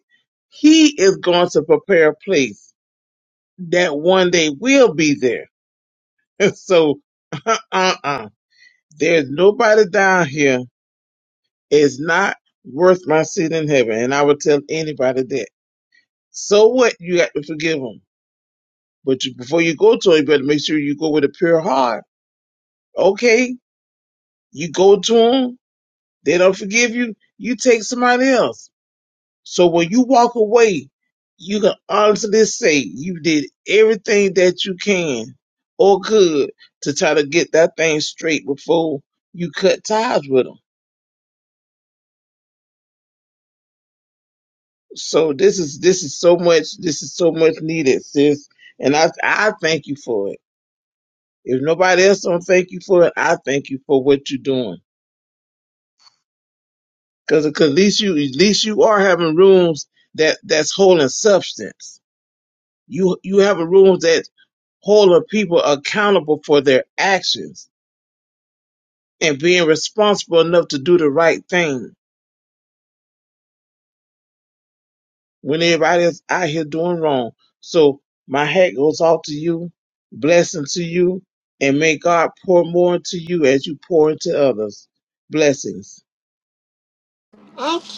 he is going to prepare a place that one day will be there. And so, uh-uh. There's nobody down here. It's not worth my seat in heaven. And I would tell anybody that. So what? You got to forgive them. But you, before you go to him, you better make sure you go with a pure heart. Okay? You go to him. They don't forgive you. You take somebody else. So when you walk away, you can honestly say you did everything that you can or could to try to get that thing straight before you cut ties with them. So this is this is so much this is so much needed, sis. And I I thank you for it. If nobody else don't thank you for it, I thank you for what you're doing. Cause, 'cause at least you at least you are having rooms that that's holding substance. You you have a room that hold a people accountable for their actions and being responsible enough to do the right thing when everybody is out here doing wrong. So my hat goes off to you, blessing to you, and may God pour more into you as you pour into others. Blessings.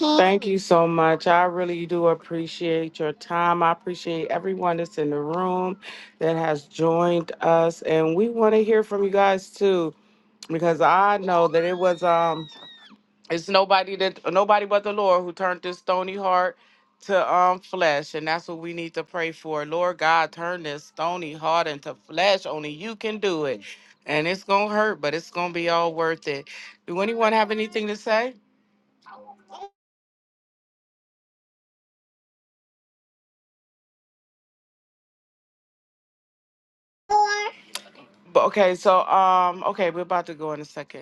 Thank you so much. I really do appreciate your time. I appreciate everyone that's in the room that has joined us, and we want to hear from you guys too, because I know that it was um it's nobody that nobody but the Lord who turned this stony heart to um flesh, and that's what we need to pray for. Lord God, turn this stony heart into flesh. Only you can do it, and it's gonna hurt, but it's gonna be all worth it. Do anyone have anything to say? But okay, so um, okay, we're about to go in a second.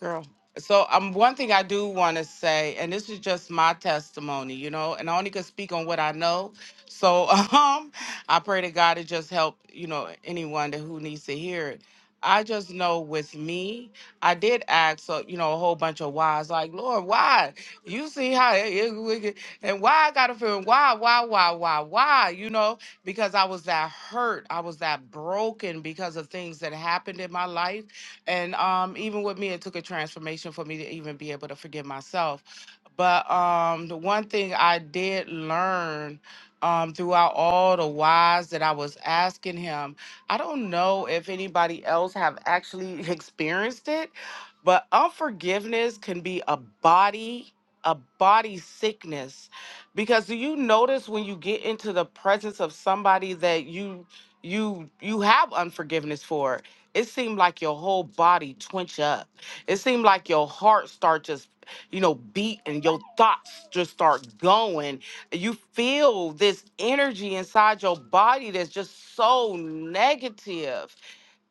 Girl. So um one thing I do want to say, and this is just my testimony, you know, and I only could speak on what I know. So um I pray to God to just help, you know, anyone that who needs to hear it. I just know with me, I did ask, uh, you know, a whole bunch of whys, like, Lord, why? You see how it, it- we get- and why I got a feeling, why, why, why, why, why, you know, because I was that hurt. I was that broken because of things that happened in my life and um, even with me, it took a transformation for me to even be able to forgive myself. But um, the one thing I did learn um, throughout all the whys that I was asking him, I don't know if anybody else have actually experienced it, but unforgiveness can be a body a body sickness because do you notice when you get into the presence of somebody that you you you have unforgiveness for it seemed like your whole body twinge up. It seemed like your heart start just, you know, beat and your thoughts just start going. You feel this energy inside your body that's just so negative.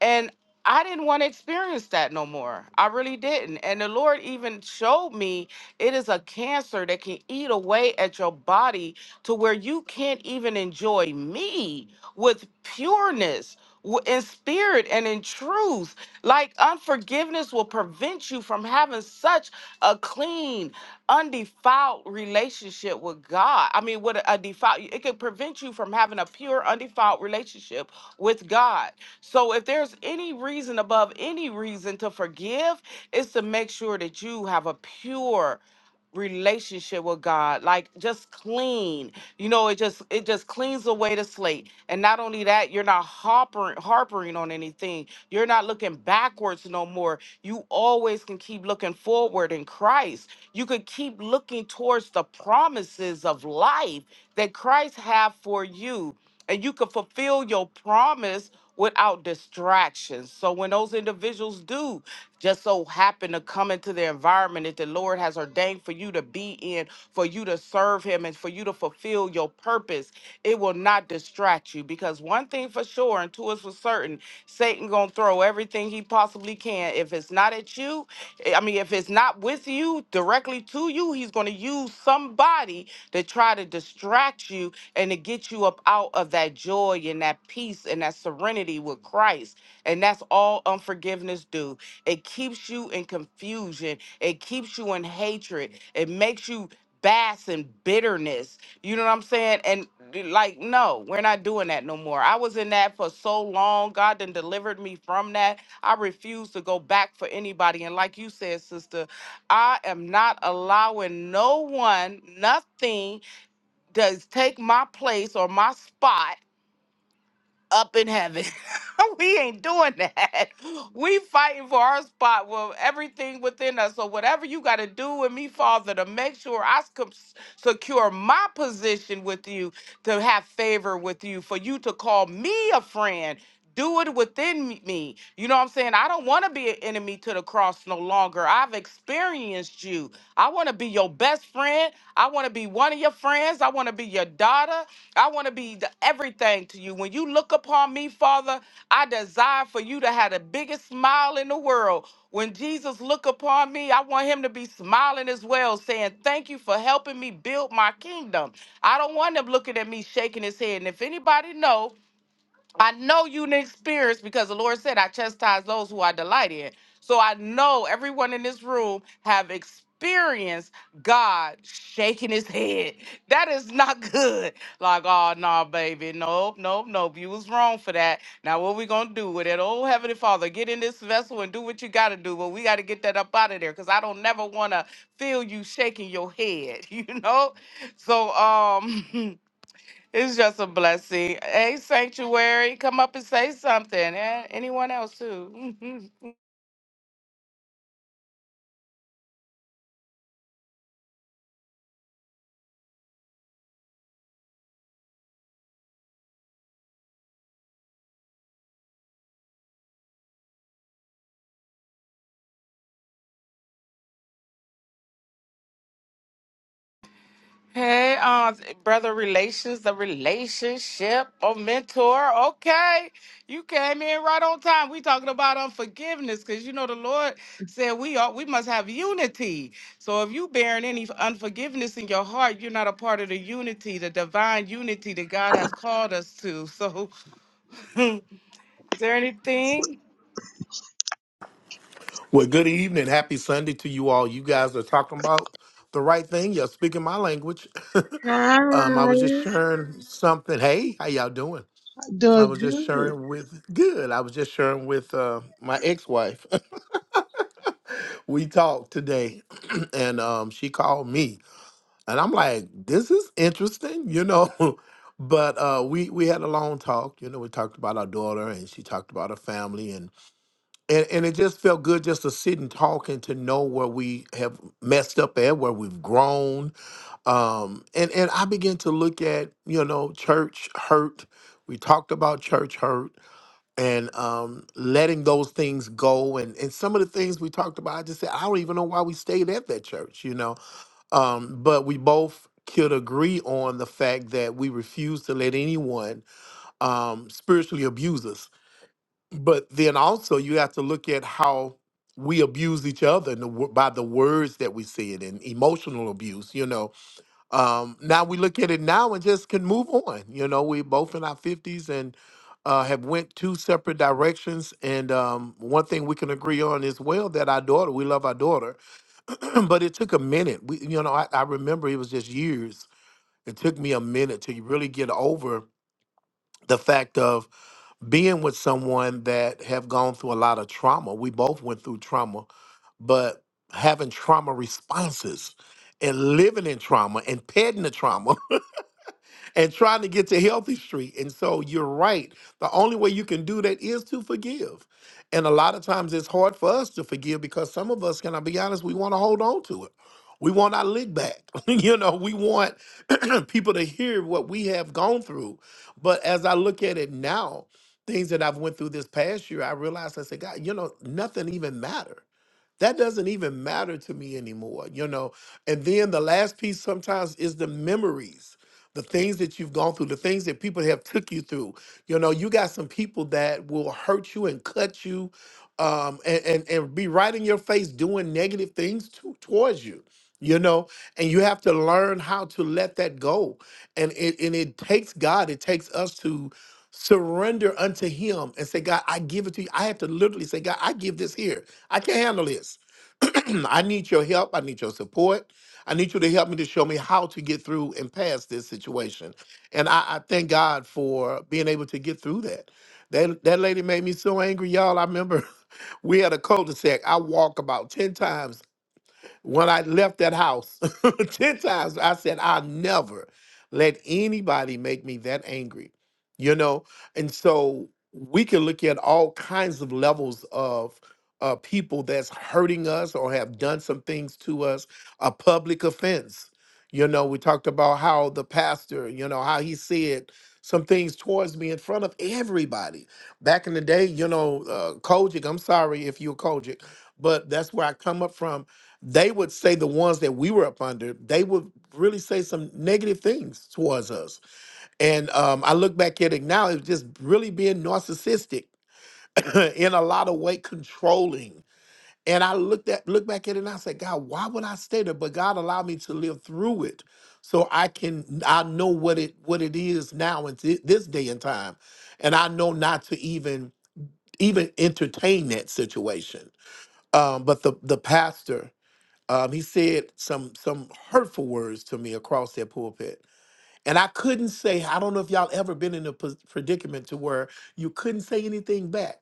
And I didn't want to experience that no more. I really didn't. And the Lord even showed me it is a cancer that can eat away at your body to where you can't even enjoy me with pureness w- in spirit and in truth. Like unforgiveness will prevent you from having such a clean, undefiled relationship with God. I mean, with a, a defiled, it could prevent you from having a pure, undefiled relationship with God. So if there's any reason above any reason to forgive, it's to make sure that you have a pure relationship with God, like just clean. You know, it just it just cleans away the slate. And not only that, you're not harpering harpering on anything. You're not looking backwards no more. You always can keep looking forward in Christ. You could keep looking towards the promises of life that Christ have for you and you can fulfill your promise without distractions. So when those individuals do just so happen to come into the environment that the Lord has ordained for you to be in, for you to serve him and for you to fulfill your purpose, it will not distract you because one thing for sure and two is for certain, Satan going to throw everything he possibly can. If it's not at you, eh, I mean if it's not with you, directly to you, he's going to use somebody to try to distract you and to get you up out of that joy and that peace and that serenity with Christ. And that's all unforgiveness do. It keeps you in confusion. It keeps you in hatred. It makes you bass in bitterness. You know what I'm saying? And d- like, no, we're not doing that no more. I was in that for so long. God done delivered me from that. I refuse to go back for anybody. And like you said, sister, I am not allowing no one, nothing does take my place or my spot up in heaven. we ain't doing that. We fighting for our spot with everything within us. So whatever you got to do with me, Father, to make sure I sec- secure my position with you, to have favor with you, for you to call me a friend. Do it within me. me. You know what I'm saying? I don't want to be an enemy to the cross no longer. I've experienced you. I want to be your best friend. I want to be one of your friends. I want to be your daughter. I want to be the everything to you. When you look upon me, Father, I desire for you to have the biggest smile in the world. When Jesus look upon me, I want him to be smiling as well, saying, "Thank you for helping me build my kingdom." I don't want him looking at me shaking his head. And if anybody know, I know you didn't experience because the Lord said, I chastise those who I delight in. So I know everyone in this room have experienced God shaking his head. That is not good. Like, oh no, baby. Nope, nope, nope. You was wrong for that. Now what we gonna do with it? Oh Heavenly Father, get in this vessel and do what you gotta do. But we gotta get that up out of there. Cause I don't never wanna feel you shaking your head, you know? So um It's just a blessing. Hey, Sanctuary, come up and say something. And anyone else, too. hey, uh, brother relations, the relationship or mentor. Okay. You came in right on time. We talking about unforgiveness because, you know, the Lord said we are, we must have unity. So if you bearing any unforgiveness in your heart, you're not a part of the unity, the divine unity that God has called us to. So is there anything? Well, good evening. Happy Sunday to you all. You guys are talking about the right thing. You're speaking my language. Hi, um, I was just sharing something. Hey, how y'all doing? I doing was just good. sharing with good. I was just sharing with uh, my ex-wife. we talked today, and um, she called me, and I'm like, "This is interesting," you know. but uh, we we had a long talk. You know, we talked about our daughter, and she talked about her family, and and it just felt good just to sit and talk and to know where we have messed up at where we've grown um and and i began to look at you know church hurt we talked about church hurt and um letting those things go and and some of the things we talked about i just said i don't even know why we stayed at that church you know um but we both could agree on the fact that we refuse to let anyone um spiritually abuse us but then also you have to look at how we abuse each other and the, wo- by the words that we say it in emotional abuse you know um now we look at it now and just can move on you know we both in our 50s and uh, have went two separate directions and um, one thing we can agree on is well that our daughter we love our daughter but it took a minute we, you know I, I remember it was just years it took me a minute to really get over the fact of being with someone that have gone through a lot of trauma. We both went through trauma, but having trauma responses and living in trauma and petting the trauma and trying to get to healthy street. And so you're right. The only way you can do that is to forgive. And a lot of times it's hard for us to forgive because some of us, can I be honest, we want to hold on to it. We want our lick back. you know, we want people to hear what we have gone through. But as I look at it now, things that I've went through this past year, I realized I said, God, you know, nothing even matters that doesn't even matter to me anymore you know and then the last piece sometimes is the memories the things that you've gone through the things that people have took you through you know you got some people that will hurt you and cut you um and and, and be right in your face doing negative things to, towards you you know and you have to learn how to let that go and it and it takes god it takes us to surrender unto him and say, God, I give it to you. I have to literally say, God, I give this here. I can't handle this. I need your help. I need your support. I need you to help me to show me how to get through and past this situation. And I, I thank God for being able to get through that. That that lady made me so angry, y'all. I remember we had a cul-de-sac. I walked about 10 times when I left that house 10 times, I said, I'll never let anybody make me that angry, you know? And so we can look at all kinds of levels of uh, people that's hurting us or have done some things to us, a public offense. You know, we talked about how the pastor, you know, how he said some things towards me in front of everybody. Back in the day, you know, uh, Kojic, I'm sorry if you're Kojic, but that's where I come up from they would say the ones that we were up under, they would really say some negative things towards us. And um, I look back at it now, it was just really being narcissistic in a lot of way, controlling. And I looked at look back at it and I said, God, why would I stay there? But God allowed me to live through it. So I can I know what it what it is now in thi- this day and time. And I know not to even even entertain that situation. Um, but the the pastor um, he said some some hurtful words to me across that pulpit and i couldn't say i don't know if y'all ever been in a pos- predicament to where you couldn't say anything back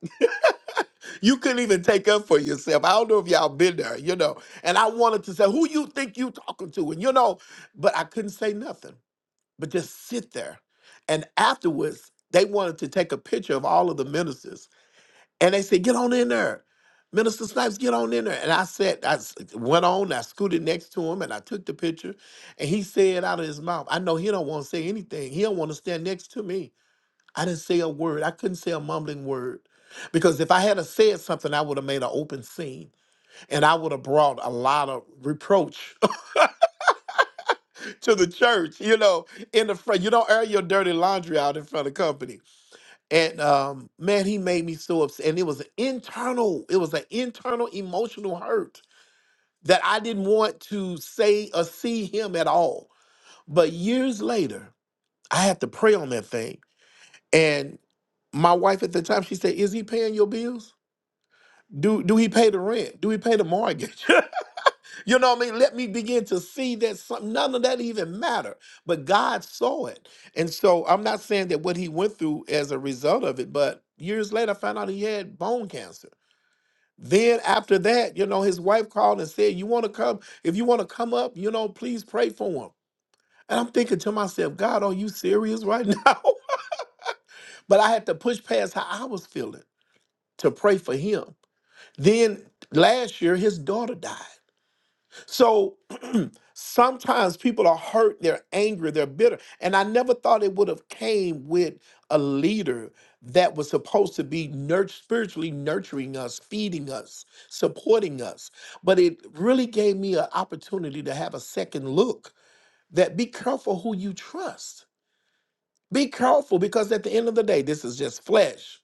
you couldn't even take up for yourself i don't know if y'all been there you know and i wanted to say who you think you talking to and you know but i couldn't say nothing but just sit there and afterwards they wanted to take a picture of all of the ministers and they said, get on in there. Minister Snipes, get on in there. And I said, I s- went on, I scooted next to him and I took the picture. And he said out of his mouth, I know he don't want to say anything. He don't want to stand next to me. I didn't say a word. I couldn't say a mumbling word. Because if I had a said something, I would have made an open scene and I would have brought a lot of reproach to the church, you know, in the front. You don't air your dirty laundry out in front of company And um, man, he made me so upset. And it was an internal, it was an internal emotional hurt that I didn't want to say or see him at all. But years later, I had to pray on that thing. And my wife at the time, she said, Is he paying your bills? Do do he pay the rent? Do he pay the mortgage? You know what I mean? Let me begin to see that some, none of that even matter. But God saw it. And so I'm not saying that what he went through as a result of it, but years later, I found out he had bone cancer. Then after that, you know, his wife called and said, You want to come? If you want to come up, you know, please pray for him. And I'm thinking to myself, God, are you serious right now? but I had to push past how I was feeling to pray for him. Then last year, his daughter died. So Sometimes people are hurt, they're angry, they're bitter. And I never thought it would have came with a leader that was supposed to be nurt- spiritually nurturing us, feeding us, supporting us. But it really gave me an opportunity to have a second look that be careful who you trust. Be careful because at the end of the day, this is just flesh.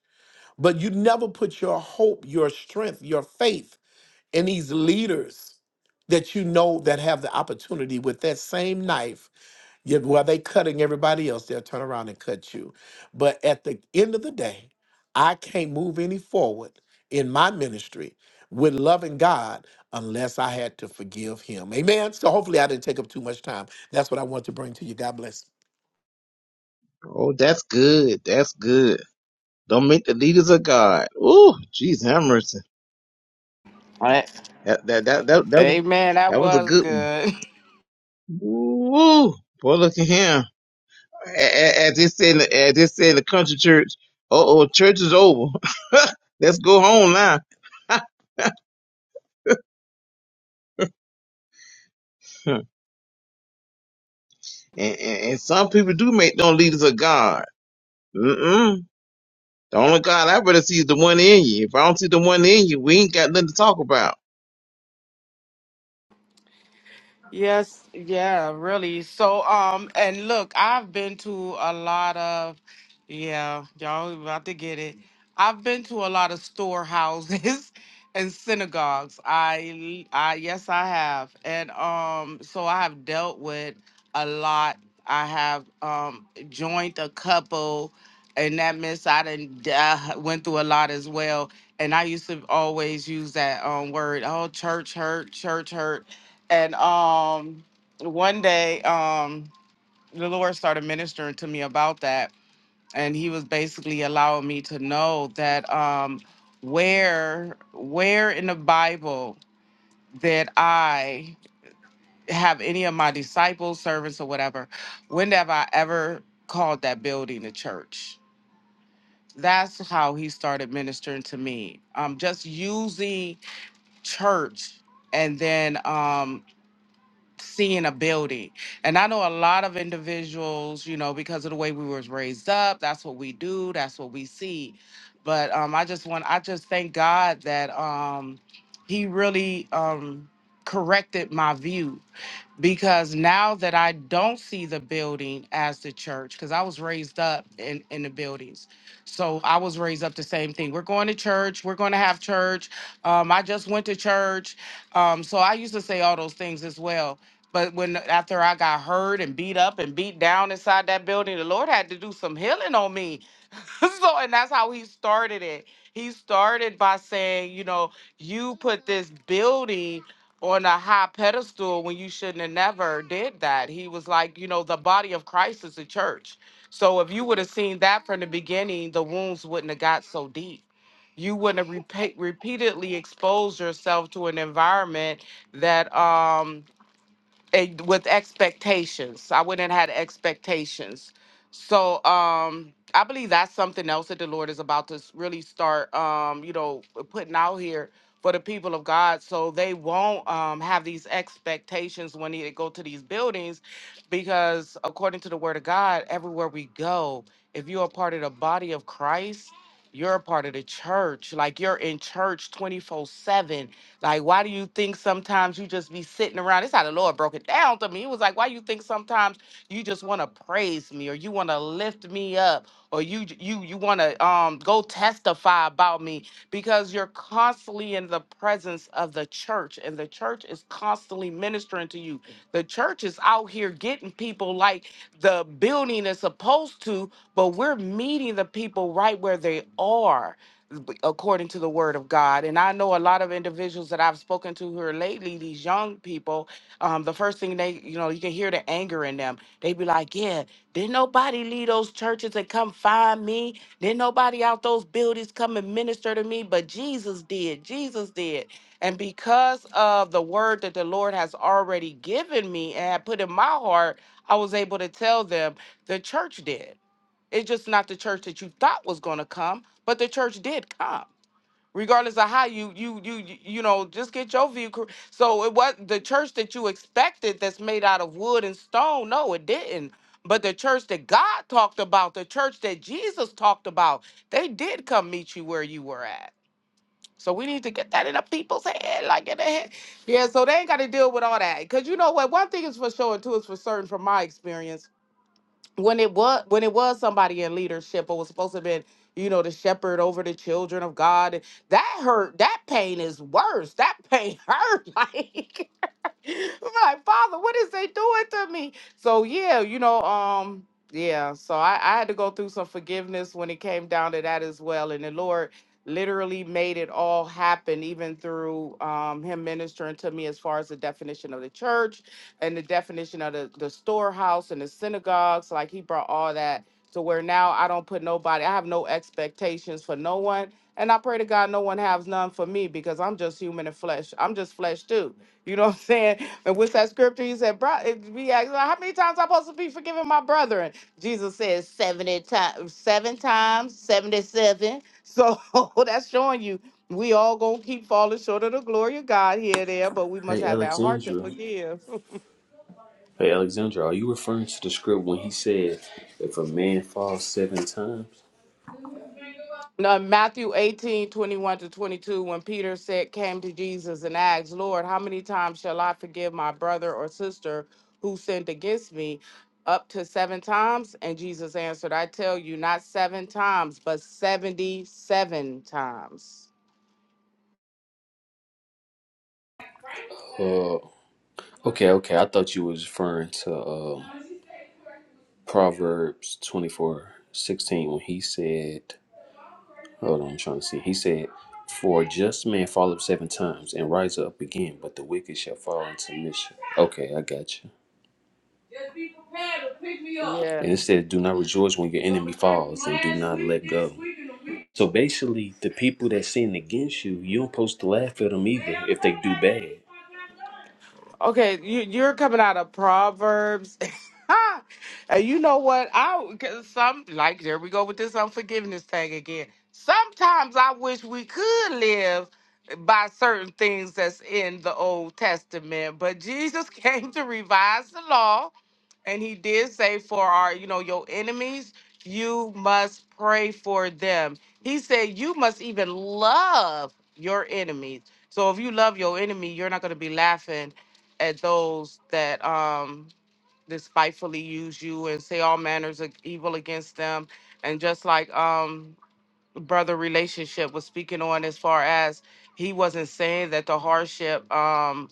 But you never put your hope, your strength, your faith in these leaders that you know that have the opportunity with that same knife you, while they cutting everybody else, they'll turn around and cut you. But at the end of the day, I can't move any forward in my ministry with loving God unless I had to forgive him. Amen. So hopefully I didn't take up too much time. That's what I want to bring to you. God bless. Oh, that's good. That's good. Don't make the leaders of God. Oh, jeez, have mercy. That that that that that was Amen. That that was a was good one. good. Woo! Boy, look at him. A- a- As they say, in- the- as they say in the country church, uh oh, church is over. Let's go home now. and, and, and some people do make them leaders of God. Mm-mm. The only God I really see is the one in you. If I don't see the one in you, we ain't got nothing to talk about. Yes, yeah, really. So, um, and look, I've been to a lot of, yeah, y'all about to get it. I've been to a lot of storehouses and synagogues. I, I, yes, I have, and um, so I have dealt with a lot. I have um joined a couple, and that means I didn't uh, went through a lot as well. And I used to always use that um word, oh, church hurt, church hurt and um, one day, um, the Lord started ministering to me about that, and He was basically allowing me to know that um, where where in the Bible that I have any of my disciples, servants, or whatever, when have I ever called that building a church? That's how he started ministering to me. Um, just using church and then um seeing ability. And I know a lot of individuals, you know, because of the way we was raised up, that's what we do, that's what we see. But um I just want I just thank God that um he really um corrected my view because now that I don't see the building as the church, because I was raised up in, in the buildings. So I was raised up the same thing. We're going to church. We're going to have church. Um, I just went to church. Um, so I used to say all those things as well. But when after I got hurt and beat up and beat down inside that building, the Lord had to do some healing on me so and that's how he started it. He started by saying, you know, you put this building on a high pedestal when you shouldn't have never did that. He was like, you know, the body of Christ is the church. So if you would have seen that from the beginning, the wounds wouldn't have got so deep. You wouldn't have repeat, repeatedly exposed yourself to an environment that um and with expectations. I wouldn't have had expectations. So um I believe that's something else that the Lord is about to s- really start um, you know, putting out here for the people of God so they won't um have these expectations when they go to these buildings because according to the word of God, everywhere we go, if you're a part of the body of Christ, you're a part of the church. Like you're in church 24/7 like, why do you think sometimes you just be sitting around? This how the Lord broke it down to me. He was like, why you think sometimes you just want to praise me or you want to lift me up or you j- you you want to um go testify about me because you're constantly in the presence of the church and the church is constantly ministering to you. The church is out here getting people like the building is supposed to, but we're meeting the people right where they are b- according to the word of God. And I know a lot of individuals that I've spoken to who are lately, these young people, um, the first thing they, you know, you can hear the anger in them. They be like, yeah, didn't nobody leave those churches and come find me? Didn't nobody out those buildings come and minister to me? But Jesus did. Jesus did. And because of the word that the Lord has already given me and had put in my heart, I was able to tell them the church did it's just not the church that you thought was going to come, but the church did come. Regardless of how you you you you you know, just get your view. cor- So it was the church that you expected that's made out of wood and stone. No, it didn't. But the church that God talked about, the church that Jesus talked about, they did come meet you where you were at. So we need to get that in the people's head, like in the head. Yeah, so they ain't got to deal with all that. Because you know what? One thing is for sure, and two is for certain from my experience when it was when it was somebody in leadership or was supposed to have been you know the shepherd over the children of god that hurt that pain is worse that pain hurt like like, Father, what is they doing to me? So yeah, you know, um, yeah. So I, I had to go through some forgiveness when it came down to that as well. And the Lord literally made it all happen, even through um him ministering to me as far as the definition of the church and the definition of the, the storehouse and the synagogues. Like he brought all that to where now I don't put nobody, I have no expectations for no one. And I pray to God no one has none for me because I'm just human and flesh. I'm just flesh too. You know what I'm saying? And with that scripture? He said, bro, if we ask, how many times I'm supposed to be forgiving my brethren? Jesus says 70 times, seven times, 77. So that's showing you we all gonna keep falling short of the glory of God here and there, but we must hey have that heart to Alexandra, forgive. hey Alexandra, are you referring to the script when he said if a man falls seven times? No, Matthew 18 21 to 22, when Peter said, came to Jesus and asked, Lord, how many times shall I forgive my brother or sister who sinned against me? Up to seven times? And Jesus answered, I tell you, not seven times, but 77 times. Uh, okay, okay. I thought you was referring to uh, Proverbs twenty four sixteen when he said, "Hold on, I'm trying to see." He said, "For a just man falleth seven times and rise up again, but the wicked shall fall into mischief." Okay, I got you. Just be prepared to pick me up. Yeah. And it says, Do not rejoice when your enemy falls and do not let go. So basically, the people that sin against you, you don't supposed to laugh at them either if they do bad. Okay, you, you're coming out of Proverbs. and you know what? I 'cause some like there we go with this unforgiveness thing again. Sometimes I wish we could live by certain things that's in the Old Testament, but Jesus came to revise the law and he did say, For our, you know, your enemies, you must pray for them. He said, You must even love your enemies. So if you love your enemy, you're not gonna be laughing at those that um despitefully use you and say all manners of evil against them. And just like um brother relationship was speaking on as far as he wasn't saying that the hardship um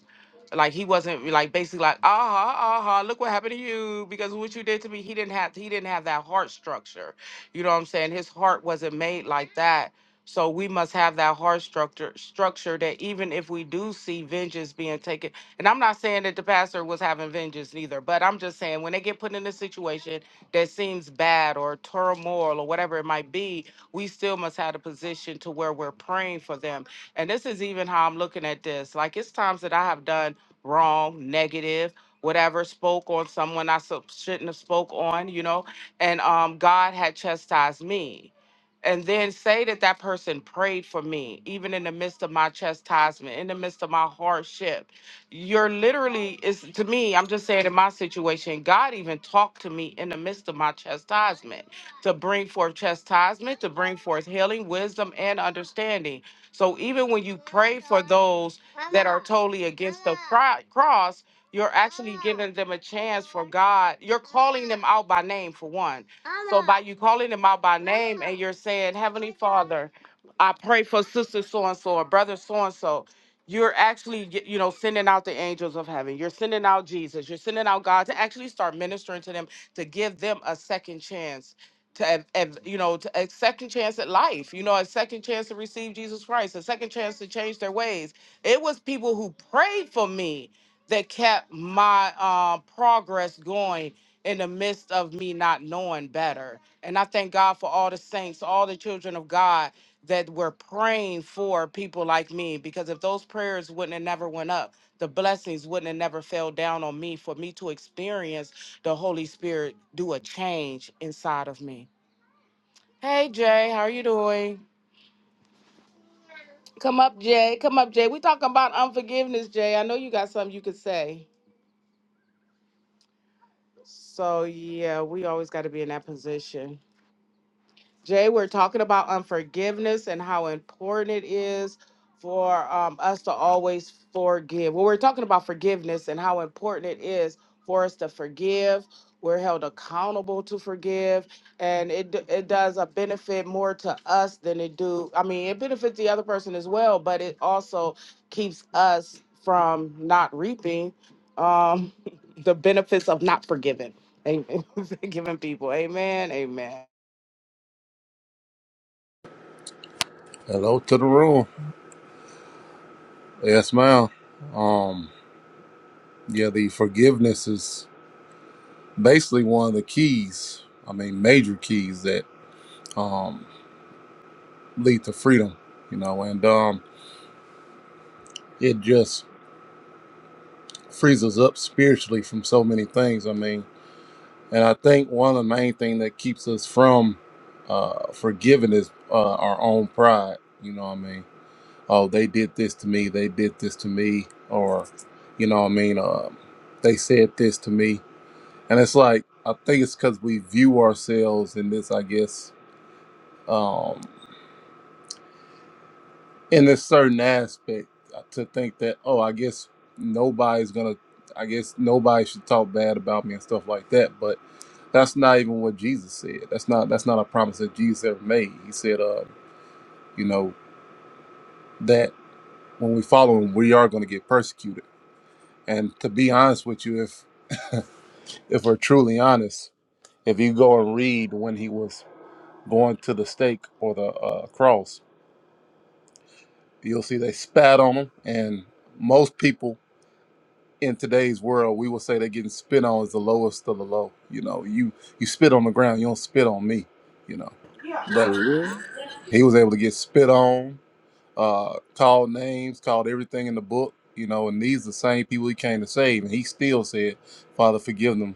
like he wasn't like basically like, aha, aha, look what happened to you because of what you did to me. He didn't have he didn't have that heart structure. You know what I'm saying? His heart wasn't made like that. So we must have that heart structure structure that even if we do see vengeance being taken, and I'm not saying that the pastor was having vengeance neither, but I'm just saying when they get put in a situation that seems bad or turmoil or whatever it might be, we still must have a position to where we're praying for them. And this is even how I'm looking at this. Like it's times that I have done wrong, negative, whatever, spoke on someone I so- shouldn't have spoke on, you know, and um, God had chastised me. And then say that that person prayed for me, even in the midst of my chastisement, in the midst of my hardship. You're literally, it's, to me, I'm just saying in my situation, God even talked to me in the midst of my chastisement to bring forth chastisement, to bring forth healing, wisdom, and understanding. So even when you goes totally against Christ, them a chance. God, you're calling them out by name for one. You calling them out by name. You're saying, Heavenly Father, I pray for sister so and so or brother so and so. You're actually, y- you know, sending out the angels of heaven. You're sending out Jesus. You're sending out God to actually start ministering to them to give them a second chance to, ev- ev- you know, to a second chance at life. You know, a second chance to receive Jesus Christ. A second chance to change their ways. It was people who prayed for me that kept my uh, progress going in the midst of me not knowing better. And I thank God for all the saints, all the children of God that were praying for people like me. Because if those prayers wouldn't have never went up, the blessings wouldn't have never fell down on me for me to experience the Holy Spirit do a change inside of me. Hey Jay, how are you doing? Come up, Jay. Come up, Jay. We talking about unforgiveness, Jay. I know you got something you could say. So yeah, we always got to be in that position. Jay, we're talking about unforgiveness and how important it is for um, us to always forgive. Well, we're talking about forgiveness and how important it is for us to forgive. We're held accountable to forgive, and it d- it does a benefit more to us than it do. I mean, it benefits the other person as well, but it also keeps us from not reaping um, the benefits of not forgiving, amen. forgiving people. Amen. Amen. Hello to the room. Yes, ma'am. Um, yeah, the forgiveness is basically one of the keys. I mean, major keys that um, lead to freedom. You know, and um, it just frees us up spiritually from so many things. I mean, and I think one of the main thing that keeps us from uh, forgiving is uh, our own pride. You know, what I mean, oh, they did this to me. They did this to me, or you know, what I mean, uh, they said this to me And it's like I think it's because we view ourselves in this, I guess, um, in this certain aspect uh, to think that oh, I guess nobody's gonna, I guess nobody should talk bad about me and stuff like that. But that's not even what Jesus said. That's not that's not a promise that Jesus ever made. He said, uh, you know, that when we follow him, we are going to get persecuted. And to be honest with you, if if we're truly honest, if you go and read when he was going to the stake or the uh, cross, You'll see they spat on them, and most people in today's world, we will say they're getting spit on is the lowest of the low. You know, you you spit on the ground, you don't spit on me. You know, Yeah. For but real? he was able to get spit on, uh, called names, called everything in the book. You know, and these are the same people he came to save, and he still said, "Father, forgive them.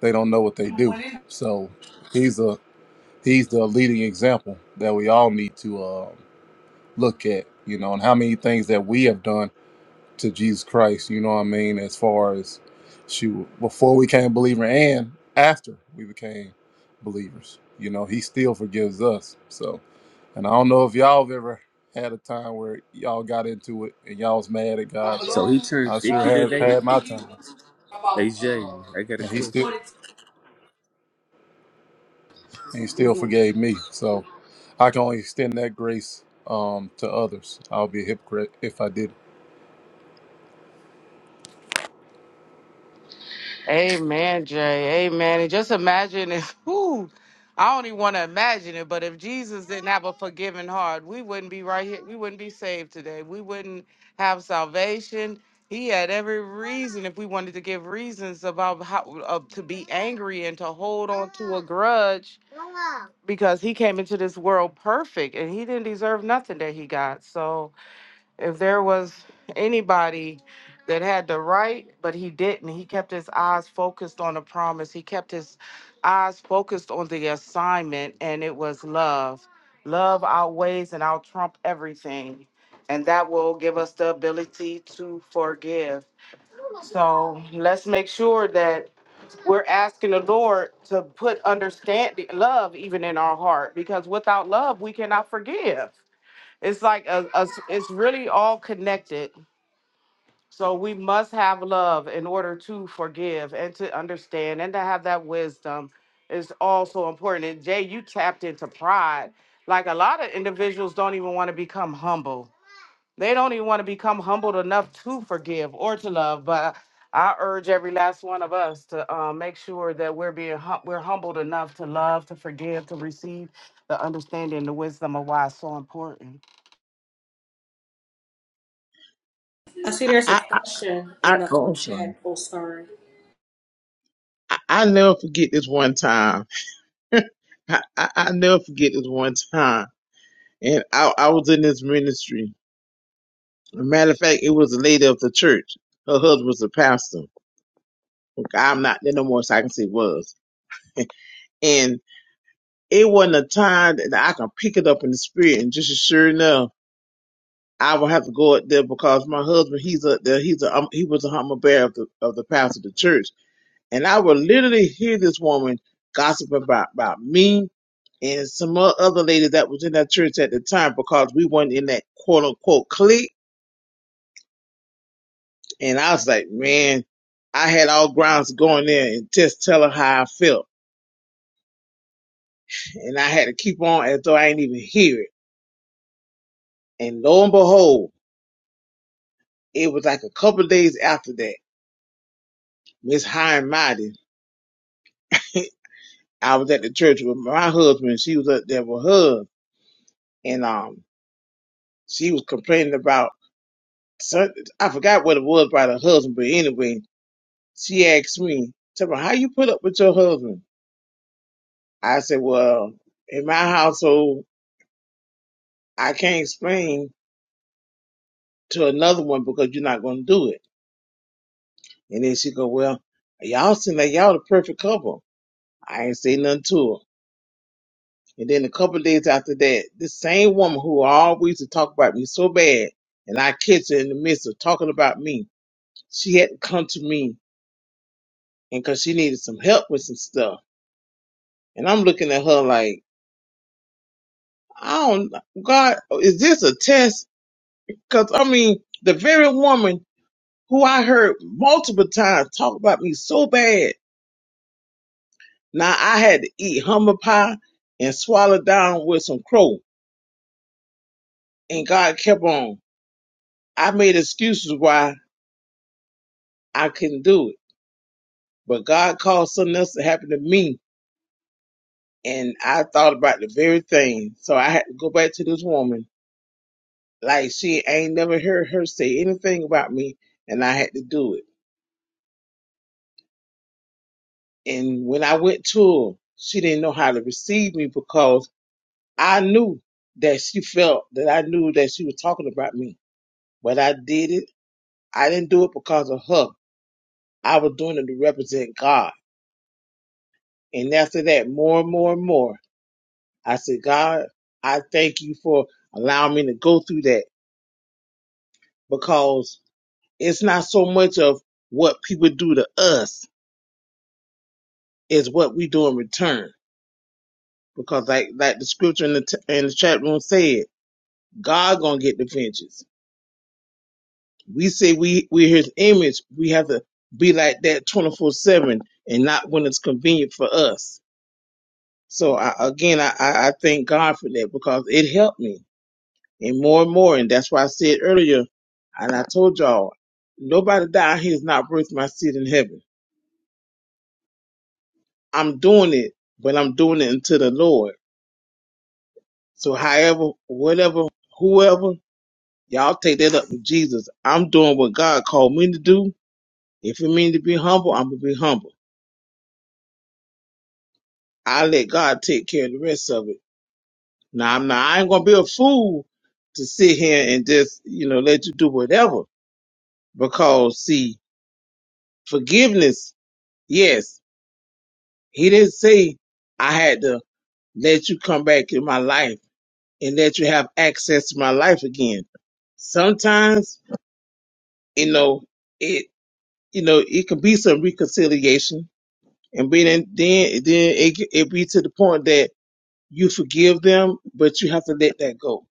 They don't know what they do." So he's a he's the leading example that we all need to uh, look at. You know, and how many things that we have done to Jesus Christ, you know what I mean? As far as she before we became believer and after we became believers, you know, he still forgives us. So, and I don't know if y'all have ever had a time where y'all got into it and y'all was mad at God, but So he turned I sure 50 have today? had my times Hey, Jay, I got a and he still question. and he still forgave me. So I can only extend that grace um to others. I'll be a hypocrite if I didn't. Amen, Jay. Amen. And just imagine if, whoo, I don't even want to imagine it, but if Jesus didn't have a forgiving heart, we wouldn't be right here. We wouldn't be saved today. We wouldn't have salvation. He had every reason, if we wanted to give reasons about how uh, to be angry and to hold on to a grudge, because he came into this world perfect and he didn't deserve nothing that he got. So, if there was anybody that had the right, but he didn't. He kept his eyes focused on the promise. He kept his eyes focused on the assignment, and it was love. Love outweighs and out trump everything. And that will give us the ability to forgive. Let's make sure that we're asking the Lord to put understanding, love even in our heart, because without love, we cannot forgive. It's like a, a- it's really all connected. So we must have love in order to forgive and to understand and to have that wisdom is also important. And Jay, you tapped into pride. Like a lot of individuals don't even want to become humble. They don't even want to become humbled enough to forgive or to love. But I urge every last one of us to uh, make sure that we're being hum- we're humbled enough to love, to forgive, to receive the understanding, the wisdom of why it's so important. I see I, there's a I, question I in the oh, um, I'm sorry. chat. Oh, sorry. I, I never forget this one time. I, I, I never forget this one time. And I, I was in this ministry a matter of fact, it was a lady of the church. Her husband was a pastor. Okay, I'm not there no more, so I can say was. And it wasn't a time that I can pick it up in the spirit. And just as sure enough, I will have to go up there because my husband, he's a the- he's a um, he was a humble bear of the of the pastor of the church. And I would literally hear this woman gossip about about me and some o- other lady that was in that church at the time because we weren't in that quote unquote clique And I was like, man, I had all grounds to go in there and just tell her how I felt. And I had to keep on as though I didn't even hear it. And lo and behold, it was like a couple of days after that, Miss High and Mighty, I was at the church with my husband. She was up there with her. And um, she was complaining about, some- I forgot what it was about her husband, but anyway, she asked me, tell me, how you put up with your husband? I said, well, in my household, I can't explain to another one because you're not going to do it. And then she go, well, y'all seem like y'all the perfect couple. I ain't say nothing to her. And then a couple of days after that, this same woman who always used to talk about me so bad, and I catch her in the midst of talking about me, she had to come to me and cause she needed some help with some stuff. And I'm looking at her like, I don't, God, is this a test? Cause I mean, the very woman who I heard multiple times talk about me so bad Now I had to eat humble pie and swallow down with some crow, and God kept on. I made excuses why I couldn't do it, but God caused something else to happen to me, and I thought about the very thing. So I had to go back to this woman, like she ain't never heard her say anything about me, and I had to do it. And when I went to her, she didn't know how to receive me because I knew that she felt that I knew that she was talking about me, but I did it I didn't do it because of her. I was doing it to represent God. And after that, more and more and more, I said, God, I thank you for allowing me to go through that because it's not so much of what people do to us, it's what we do in return. Because like, like the scripture in the, t- in the chat room said, God gonna get the vengeance. We say we, we're his image. We have to be like that 24 seven and not when it's convenient for us So I, again, I, I I thank God for that because it helped me and more and more. And that's why I said earlier, and I told y'all, nobody down here is not worth my seat in heaven. I'm doing it, but I'm doing it unto the Lord. So however, whatever, whoever, y'all take that up with Jesus. I'm doing what God called me to do. If it means to be humble, I'm gonna be humble. I let God take care of the rest of it. Now I'm not, I ain't gonna be a fool to sit here and just, you know, let you do whatever because see forgiveness yes he didn't say i had to let you come back in my life and let you have access to my life again sometimes you know it you know it could be some reconciliation and then then then it, it be to the point that you forgive them but you have to let that go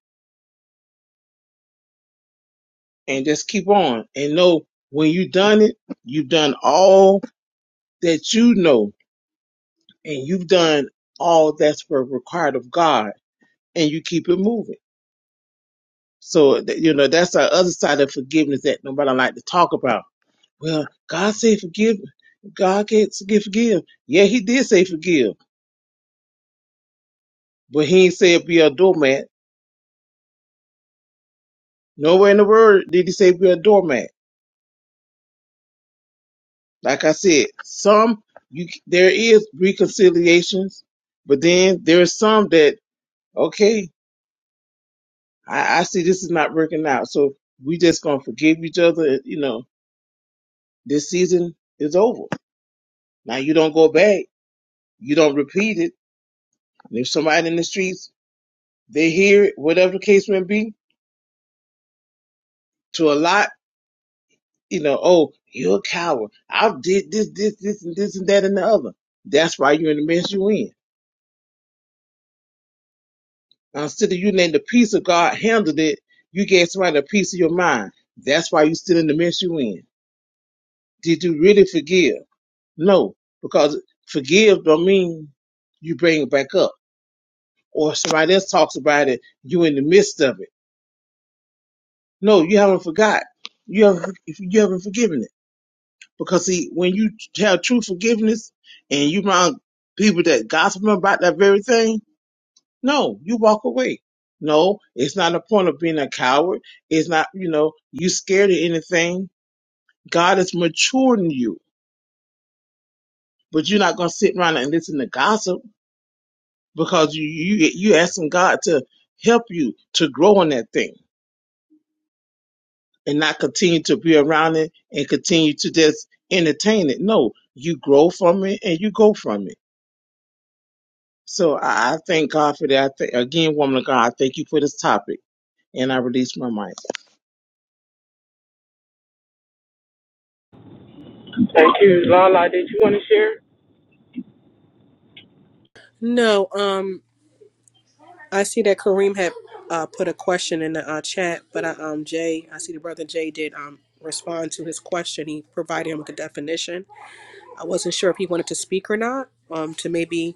and just keep on and know when you done it you've done all that you know and you've done all that's were required of God, and you keep it moving. So th- you know that's the other side of forgiveness that nobody like to talk about. Well, God said forgive. God can forgive, forgive. Yeah, He did say forgive, but He ain't say be a doormat. Nowhere in the word did He say be a doormat. Like I said, some you c- there is reconciliations, but then there's some that okay, I, I see this is not working out, so we just gonna forgive each other, you know this season is over. Now you don't go back. You don't repeat it. And if somebody in the streets, they hear it, whatever the case may be, to a lot, you know, oh, you're a coward. I did this, this, this, and this, and that, and the other. That's why you're in the mess you're in. Now, instead of you letting the peace of God handle it, you gave somebody a piece of your mind. That's why you're still in the mess you're in. Did you really forgive? No, because forgive don't mean you bring it back up. Or somebody else talks about it, you in the midst of it No, you haven't forgot. You haven't you haven't forgiven it because see when you have true forgiveness and you around people that gossip about that very thing, no, you walk away. No, it's not a point of being a coward. It's not you know you scared of anything. God is maturing you, but you're not gonna sit around and listen to gossip because you you you asking God to help you to grow in that thing. and not continue to be around it and continue to just entertain it. No, you grow from it and you go from it. So I, I thank God for that. I th- again, woman of God, I thank you for this topic and I release my mic. No. um. I see that Kareem had uh, put a question in the uh, chat, but uh, um, Jay, I see the brother Jay did um, respond to his question. He provided him with a definition. I wasn't sure if he wanted to speak or not. Um, to maybe,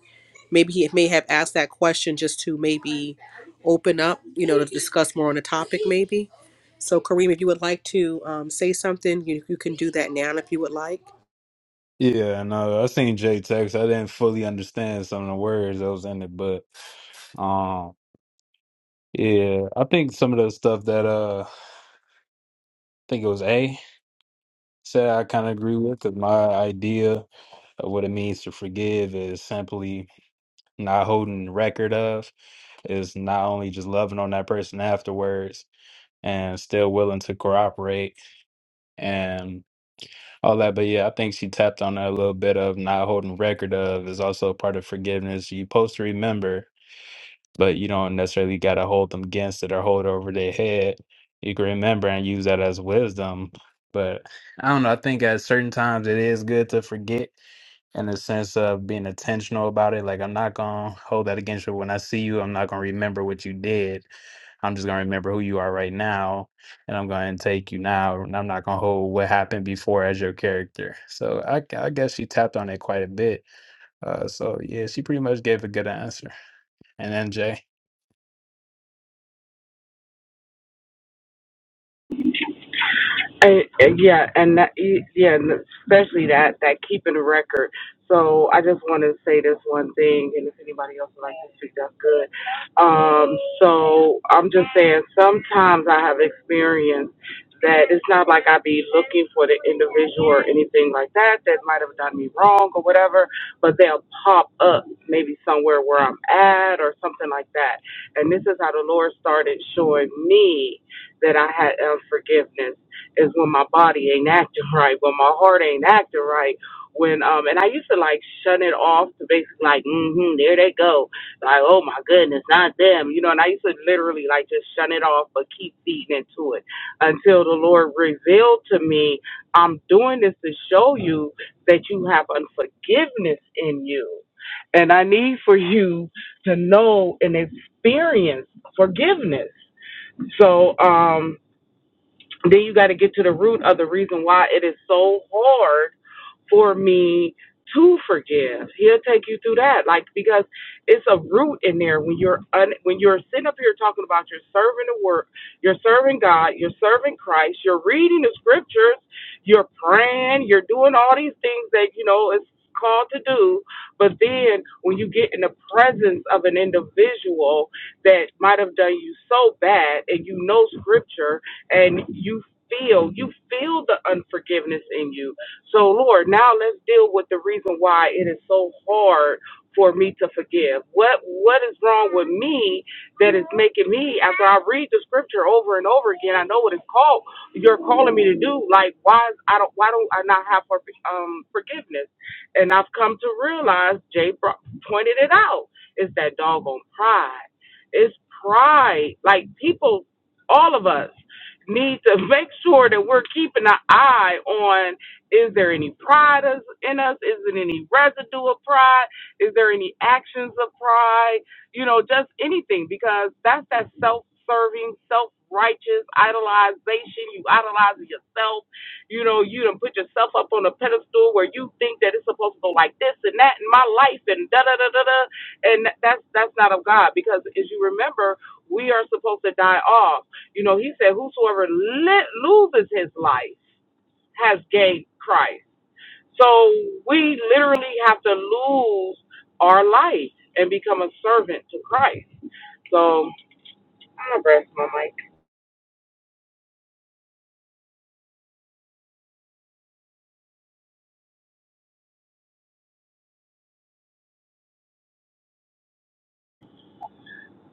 maybe he may have asked that question just to maybe open up, you know, to discuss more on the topic, maybe. So, Kareem, if you would like to um, say something, you, you can do that now if you would like. Yeah, no, I seen Jay text. I didn't fully understand some of the words that was in it, but um, yeah, I think some of the stuff that uh, I think it was A said I kind of agree with because my idea of what it means to forgive is simply not holding record of, is not only just loving on that person afterwards and still willing to cooperate and all that. But yeah, I think she tapped on that a little bit of not holding record of is also part of forgiveness. You're supposed to remember but you don't necessarily got to hold them against it or hold it over their head. You can remember and use that as wisdom. But I don't know. I think at certain times it is good to forget in the sense of being intentional about it. Like, I'm not going to hold that against you. When I see you, I'm not going to remember what you did. I'm just going to remember who you are right now. And I'm going to take you now. And I'm not going to hold what happened before as your character. So I, I guess she tapped on it quite a bit. Uh, so, yeah, she pretty much gave a good answer. And then Jay. And, and yeah, and that, e- yeah, and especially that that keeping a record. So I just want to say this one thing, and if anybody else would like to speak, that's good. Um, so I'm just saying, sometimes I have experienced that it's not like I be looking for the individual or anything like that that might have done me wrong or whatever, but they'll pop up maybe somewhere where I'm at or something like that. And this is how the Lord started showing me that I had unforgiveness is when my body ain't acting right, when my heart ain't acting right. When um and I used to like shut it off to basically like mm-hmm, there they go. Like, oh my goodness, not them. You know, and I used to literally like just shut it off but keep feeding into it until the Lord revealed to me, I'm doing this to show you that you have unforgiveness in you. And I need for you to know and experience forgiveness. So um then you got to get to the root of the reason why it is so hard for me to forgive. He'll take you through that, like because it's a root in there. When you're un, when you're sitting up here talking about you're serving the work, you're serving God, you're serving Christ, you're reading the scriptures, you're praying, you're doing all these things that you know it's called to do. But then when you get in the presence individual that might have done you so bad and you know scripture and you feel you feel the unforgiveness in you so lord now let's deal with the reason why it is so hard forgive? What what is wrong with me that is making me after I read the scripture over and over again, I know what it's called you're calling me to do. Like why is, I don't why don't I not have perfect um forgiveness? And I've come to realize Jay bro- pointed it out. It's that doggone pride. It's pride. Like people all of us need to make sure that we're keeping an eye on is there any pride us- in us? Is it any residue of pride? Is there any actions of pride? You know, just anything because that's that self serving, self righteous idolization. You idolizing yourself. You know, you done put yourself up on a pedestal where you think that it's supposed to go like this and that in my life and da da da da da. And that's that's not of God because as you remember, we are supposed to die off you know, he said, Whosoever li- loses his life has gained Christ. So we literally have to lose our life and become a servant to Christ. So I'm like,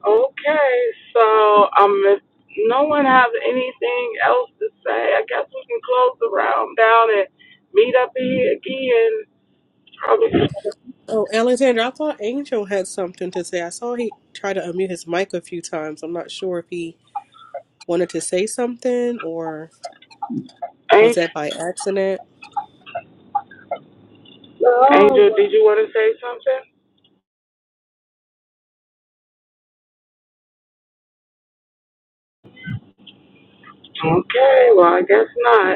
okay, so um, if no one has anything else to say, I guess we can close the round down and meet up here again. Probably, Oh, Alexander, I thought Angel had something to say. I saw he tried to unmute his mic a few times. I'm not sure if he wanted to say something, or was Angel, that by accident? Angel, did you want to say something? Okay, well, I guess not.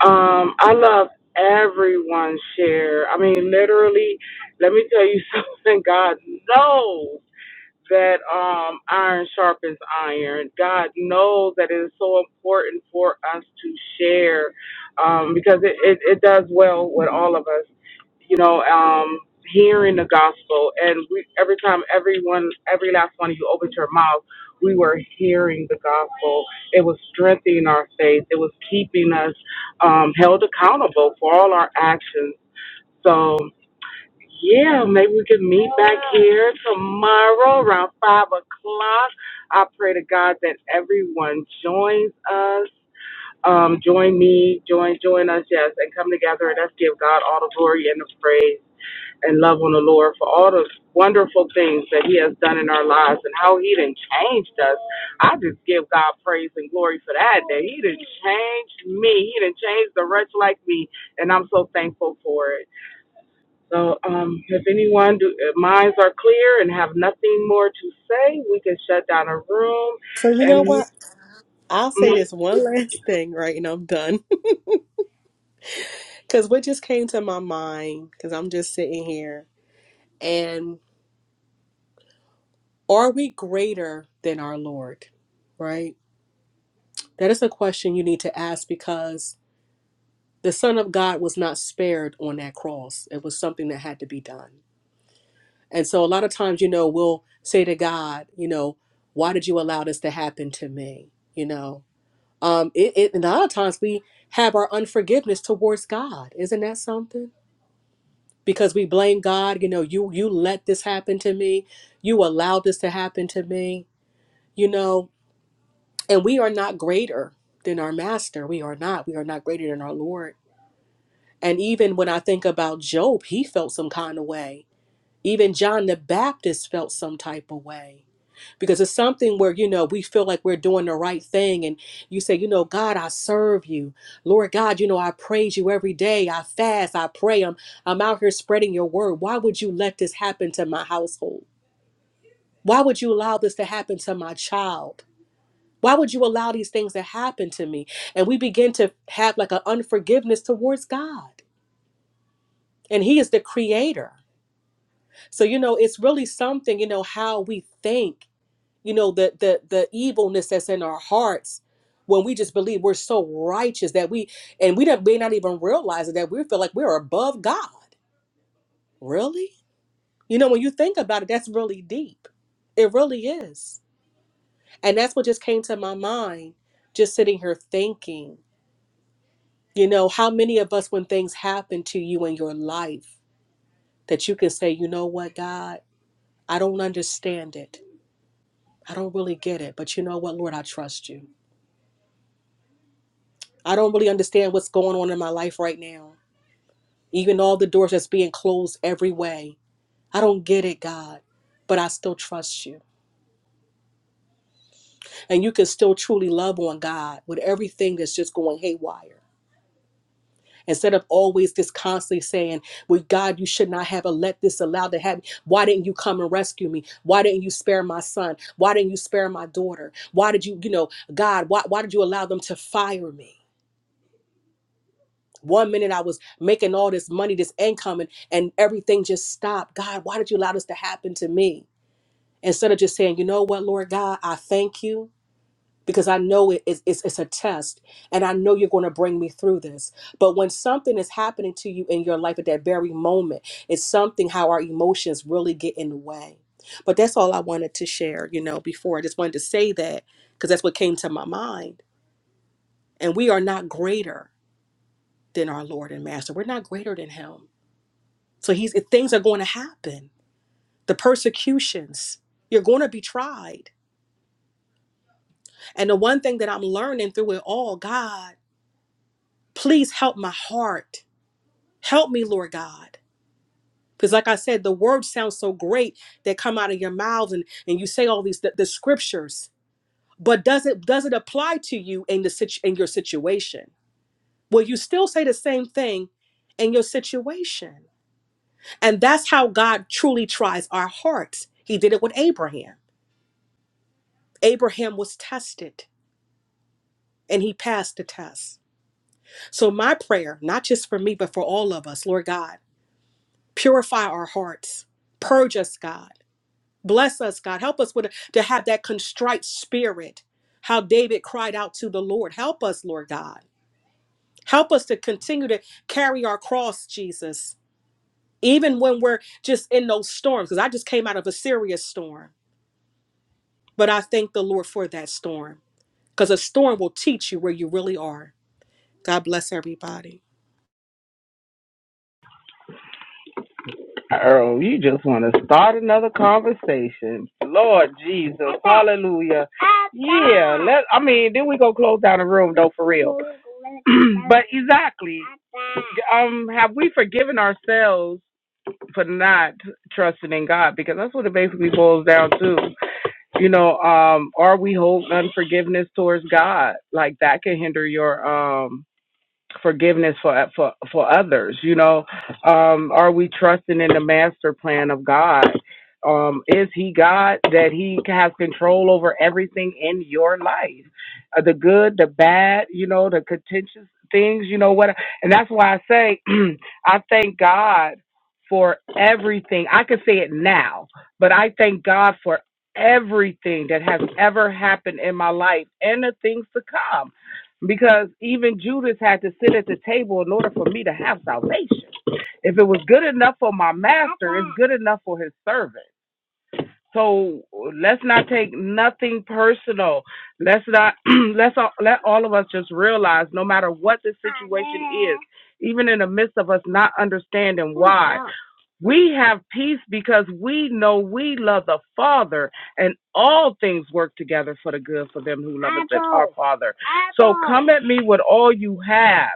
Um, I love everyone's share. I mean, literally, let me tell you something. God knows that um, iron sharpens iron. God knows that it is so important for us to share um, because it, it, it does well with all of us you know, um, hearing the gospel. And we, every time, everyone, every last one of you opened your mouth, we were hearing the gospel. It was strengthening our faith. It was keeping us um, held accountable for all our actions. So, yeah, maybe we can meet back here tomorrow around 5 o'clock. I pray to God that everyone joins us. Um, join me, join, join us, yes, and come together and let's give God all the glory and the praise and love on the Lord for all the wonderful things that He has done in our lives and how He done changed us. I just give God praise and glory for that. That He done changed me. He done changed the wretch like me, and I'm so thankful for it. So, um, if anyone do, if minds are clear and have nothing more to say, we can shut down a room. So, you And know what? I'll say mm, this one last thing, right? And I'm done. Because what just came to my mind, because I'm just sitting here, and are we greater than our Lord, right? That is a question you need to ask because the Son of God was not spared on that cross. It was something that had to be done. And so, a lot of times, you know, we'll say to God, you know, why did you allow this to happen to me? You know, um it, it and a lot of times we have our unforgiveness towards god isn't that something because we blame god you know you you let this happen to me you allowed this to happen to me you know and we are not greater than our master we are not we are not greater than our lord and even when i think about job he felt some kind of way even john the baptist felt some type of way because it's something where you know we feel like we're doing the right thing and you say you know god i serve you lord god you know i praise you every day i fast i pray i'm i'm out here spreading your word why would you let this happen to my household why would you allow this to happen to my child why would you allow these things to happen to me and we begin to have like an unforgiveness towards god and he is the creator so you know it's really something you know how we think you know the the the evilness that's in our hearts when we just believe we're so righteous that we and we don't may not even realize it, that we feel like we're above God. Really? You know, when you think about it, that's really deep. It really is. And that's what just came to my mind, just sitting here thinking, you know, how many of us when things happen to you in your life that you can say, you know what, God, I don't understand it. I don't really get it. But you know what, Lord, I trust you. I don't really understand what's going on in my life right now. Even all the doors that's being closed every way. I don't get it, God, but I still trust you. And you can still truly love on God with everything that's just going haywire. Instead of always just constantly saying, Well, God, you should not have let this allowed to happen. Why didn't you come and rescue me? Why didn't you spare my son? Why didn't you spare my daughter? Why did you, you know, God, why, why did you allow them to fire me? One minute I was making all this money, this income, and, and everything just stopped. God, why did you allow this to happen to me? Instead of just saying, you know what, Lord God, I thank you because I know it- it's, it's, it's a test and I know you're going to bring me through this. But when something is happening to you in your life at that very moment, it's something how our emotions really get in the way. But that's all I wanted to share, you know, before. I just wanted to say that because that's what came to my mind. And we are not greater than our Lord and Master, we're not greater than Him So he's things are going to happen. The persecutions, you're going to be tried. And the one thing that I'm learning through it all, God, please help my heart. Help me, Lord God. Because like I said, the words sound so great that come out of your mouths and, and you say all these the, the scriptures. But does it does it apply to you in the situ, in your situation? Will you still say the same thing in your situation? And that's how God truly tries our hearts. He did it with Abraham. Abraham was tested and he passed the test. So, my prayer, not just for me, but for all of us, Lord God, purify our hearts, purge us, God, bless us, God, help us with to have that contrite spirit. How David cried out to the Lord, help us, Lord God, help us to continue to carry our cross, Jesus, even when we're just in those storms. Because I just came out of a serious storm, but I thank the Lord for that storm because a storm will teach you where you really are. God bless everybody. Earl, you just want to start another conversation. Lord Jesus, Hallelujah. Uh, Let I mean, then we go close down the room though for real. but exactly, um, have we forgiven ourselves for not trusting in God? Because that's what it basically boils down to. You know, um, are we holding unforgiveness towards God? Like that can hinder your um forgiveness for for for others you know um are we trusting in the master plan of god um is he god that he has control over everything in your life uh, the good the bad you know the contentious things you know what and that's why i say i thank god for everything i can say it now but i thank god for everything that has ever happened in my life and the things to come because even Judas had to sit at the table in order for me to have salvation. If it was good enough for my master, good enough for his servant. So let's not take nothing personal. Let's not let's all, let all of us just realize, no matter what this, even in the midst of us not understanding, we have peace because we know we love the Father, and all things work together for the good for them who love the Father. Set me with all you have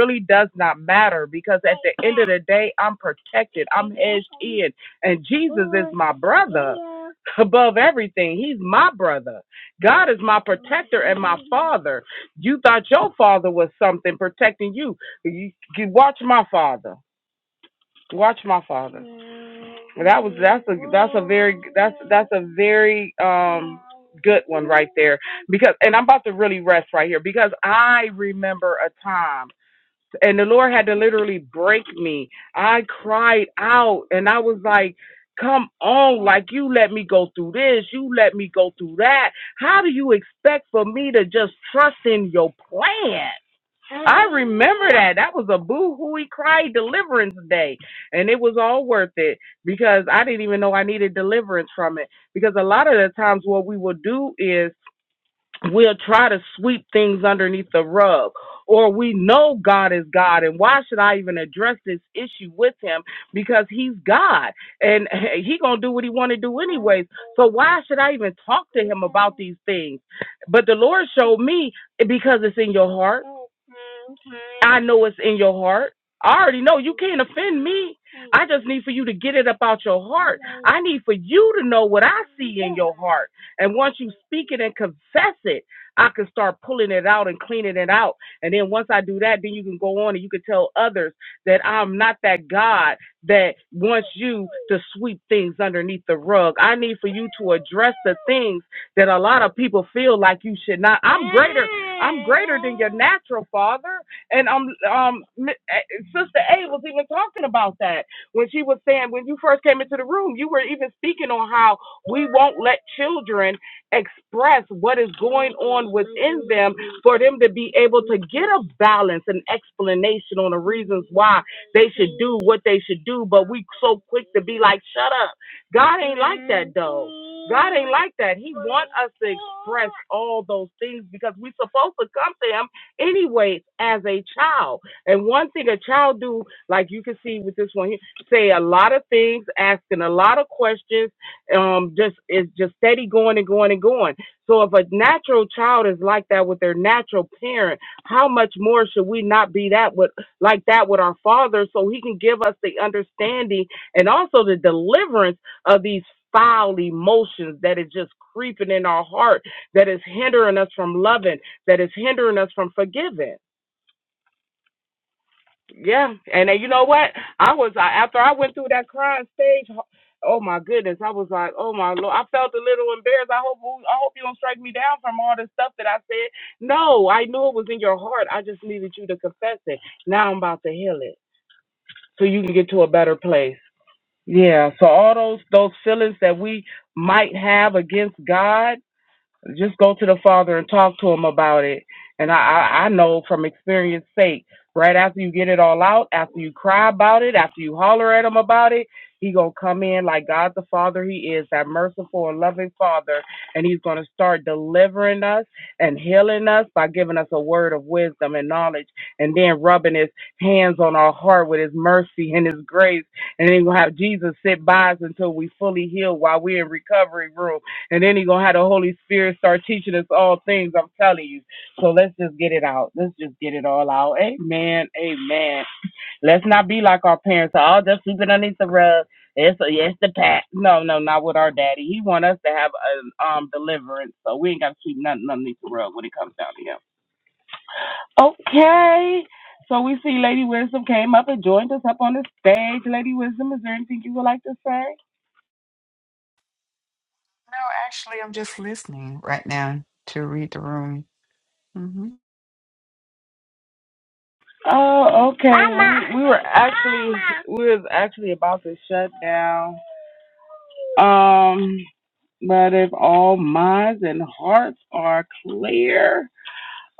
really does not matter because. at the today. I'm protected. in. And Jesus above everything. He's my brother. God is my brother. You thought your father was something protecting you. You, you watch my father. Watch my father. That's a very um, good one right there because and I'm about to really rest right here because I remember a time and the Lord had to literally break me. I cried out and I was like, Come on, like you let me go through this, you let me go through that. How do you expect for me to just trust in your plan? Remember that. That was a boo hooey cry deliverance day. And it was all worth it because I didn't even know I needed deliverance from it. Because a lot of the times what we will do is we'll try to sweep things underneath the rug or we know God is God and why should I even address this issue with him because he's God and he going to do what he want to do anyway so why should I even talk to him these things but the Lord showed me because it's in your heart I know it's in your heart I already know you can't offend me I just need for you to get it about your heart I need for you to know what I see your heart. And once you speak it and confess it, I can start pulling it out and cleaning it out. And then once I do that, then you can go on and you can tell others that I'm not that God that wants you to sweep things underneath the rug. I need for you to address the things that a lot of people feel like you should not natural father. And um um eh, Sister A was even talking about that when she was saying when you first came into the room, you were even speaking on how we won't let children express what is going on, for them to be able to get a balance and explanation on the reasons why they do what they should do, but we so quick to be like, shut up. God ain't like that. He wants us to. past all those things because we're supposed to come to him anyways as a child. And one thing a child do, like you can see with this one here, say a lot of things, asking a lot of questions, um, just is just steady going and going and going. So if a natural child is like that with their natural parent, how much more should we not be that with like that with our father so he can give us the understanding and also the deliverance of these foul emotions that is just creeping in our heart that is hindering us from loving, that is hindering us from forgiving. Yeah, and then you know what? I was I, after I went through that crying stage. Oh my goodness, I was like, oh my lord, I felt a little embarrassed. I hope I hope you don't strike me down from all this stuff that I said. No, I knew it was in your heart. I just needed you to confess it. Now I'm about to heal it, so you can get to a better place. Yeah. So all those those feelings that we might have against God Just go to the Father and talk to him about it. And I, I, I know from experience sake, right after you get it all out, after you cry about it, after you holler at him about it, he gonna come in like God the Father he is, that merciful and loving Father, and he's gonna start delivering us and healing us by giving us a word of wisdom and knowledge, and then rubbing his hands on our heart with his mercy and his grace and then we'll have Jesus sit by us until we fully heal while we're in recovery room. And then he's gonna have the Holy Spirit start teaching us all things. I'm telling you. So let's just get it out. Let's just get it all out. Amen. Amen. Let's not be like our parents. Oh, just sweep it underneath the rug. It's it's the past. No, no, not with our daddy. He want us to have a um deliverance. So we ain't gotta keep nothing underneath the rug when it comes down to him. Okay. So we see Lady Wisdom came up and joined us up on the stage. Lady Wisdom, is there anything you would like to say? No, actually, I'm just listening right now to read the room. hmm Oh, okay. We were We was actually about to shut down. Um, but if all minds and hearts are clear,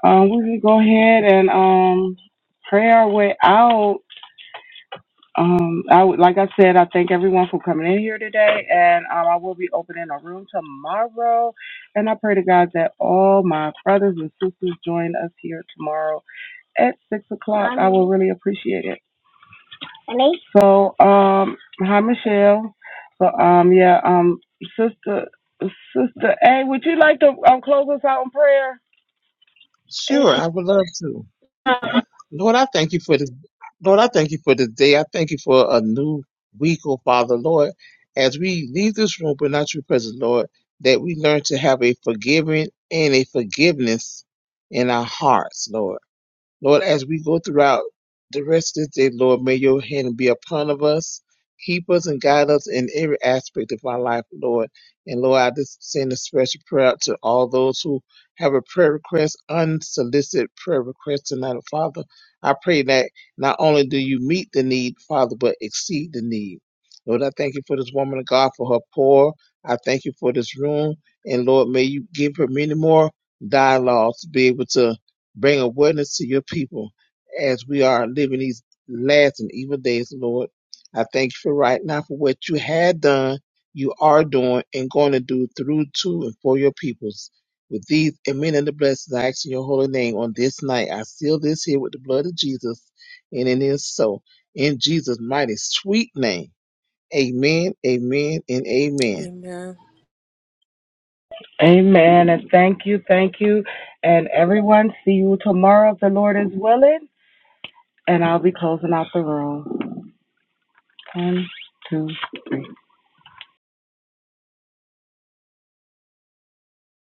um, we can go ahead and um pray our way out. Um, I would, like I said, I thank everyone for coming in here today, and um, I will be opening a room tomorrow. And I pray to God that all my brothers and sisters join us here tomorrow at six o'clock. I will really appreciate it. So, um, hi Michelle. So, um, yeah, um, sister, sister A, would you like to um, close us out in prayer? Sure, I would love to. Lord, I thank you for this. Lord, I thank you for this day. I thank you for a new week, oh Father, Lord. As we leave this room, but not your presence, Lord, that we learn to have a forgiving and a forgiveness in our hearts, Lord. Lord, as we go throughout the rest of this day, Lord, may your hand be upon of us, keep us and guide us in every aspect of our life, Lord. And Lord, I just send a special prayer out to all those who have a prayer request, unsolicited prayer request tonight, oh, Father. I pray that not only do you meet the need, Father, but exceed the need. Lord, I thank you for this woman of God, for her poor. I thank you for this room. And Lord, may you give her many more dialogues to be able to Bring awareness to your people as we are living these last and evil days, Lord. I thank you for right now for what you had done, you are doing, and going to do through to and for your peoples. With these and many of the blessings, I ask in your holy name on this night. I seal this here with the blood of Jesus, and it is so. In Jesus' mighty sweet name. Amen, amen, and amen. Amen. Amen. And thank you, thank you, and everyone. See you tomorrow if the Lord is willing. And I'll be closing out the room.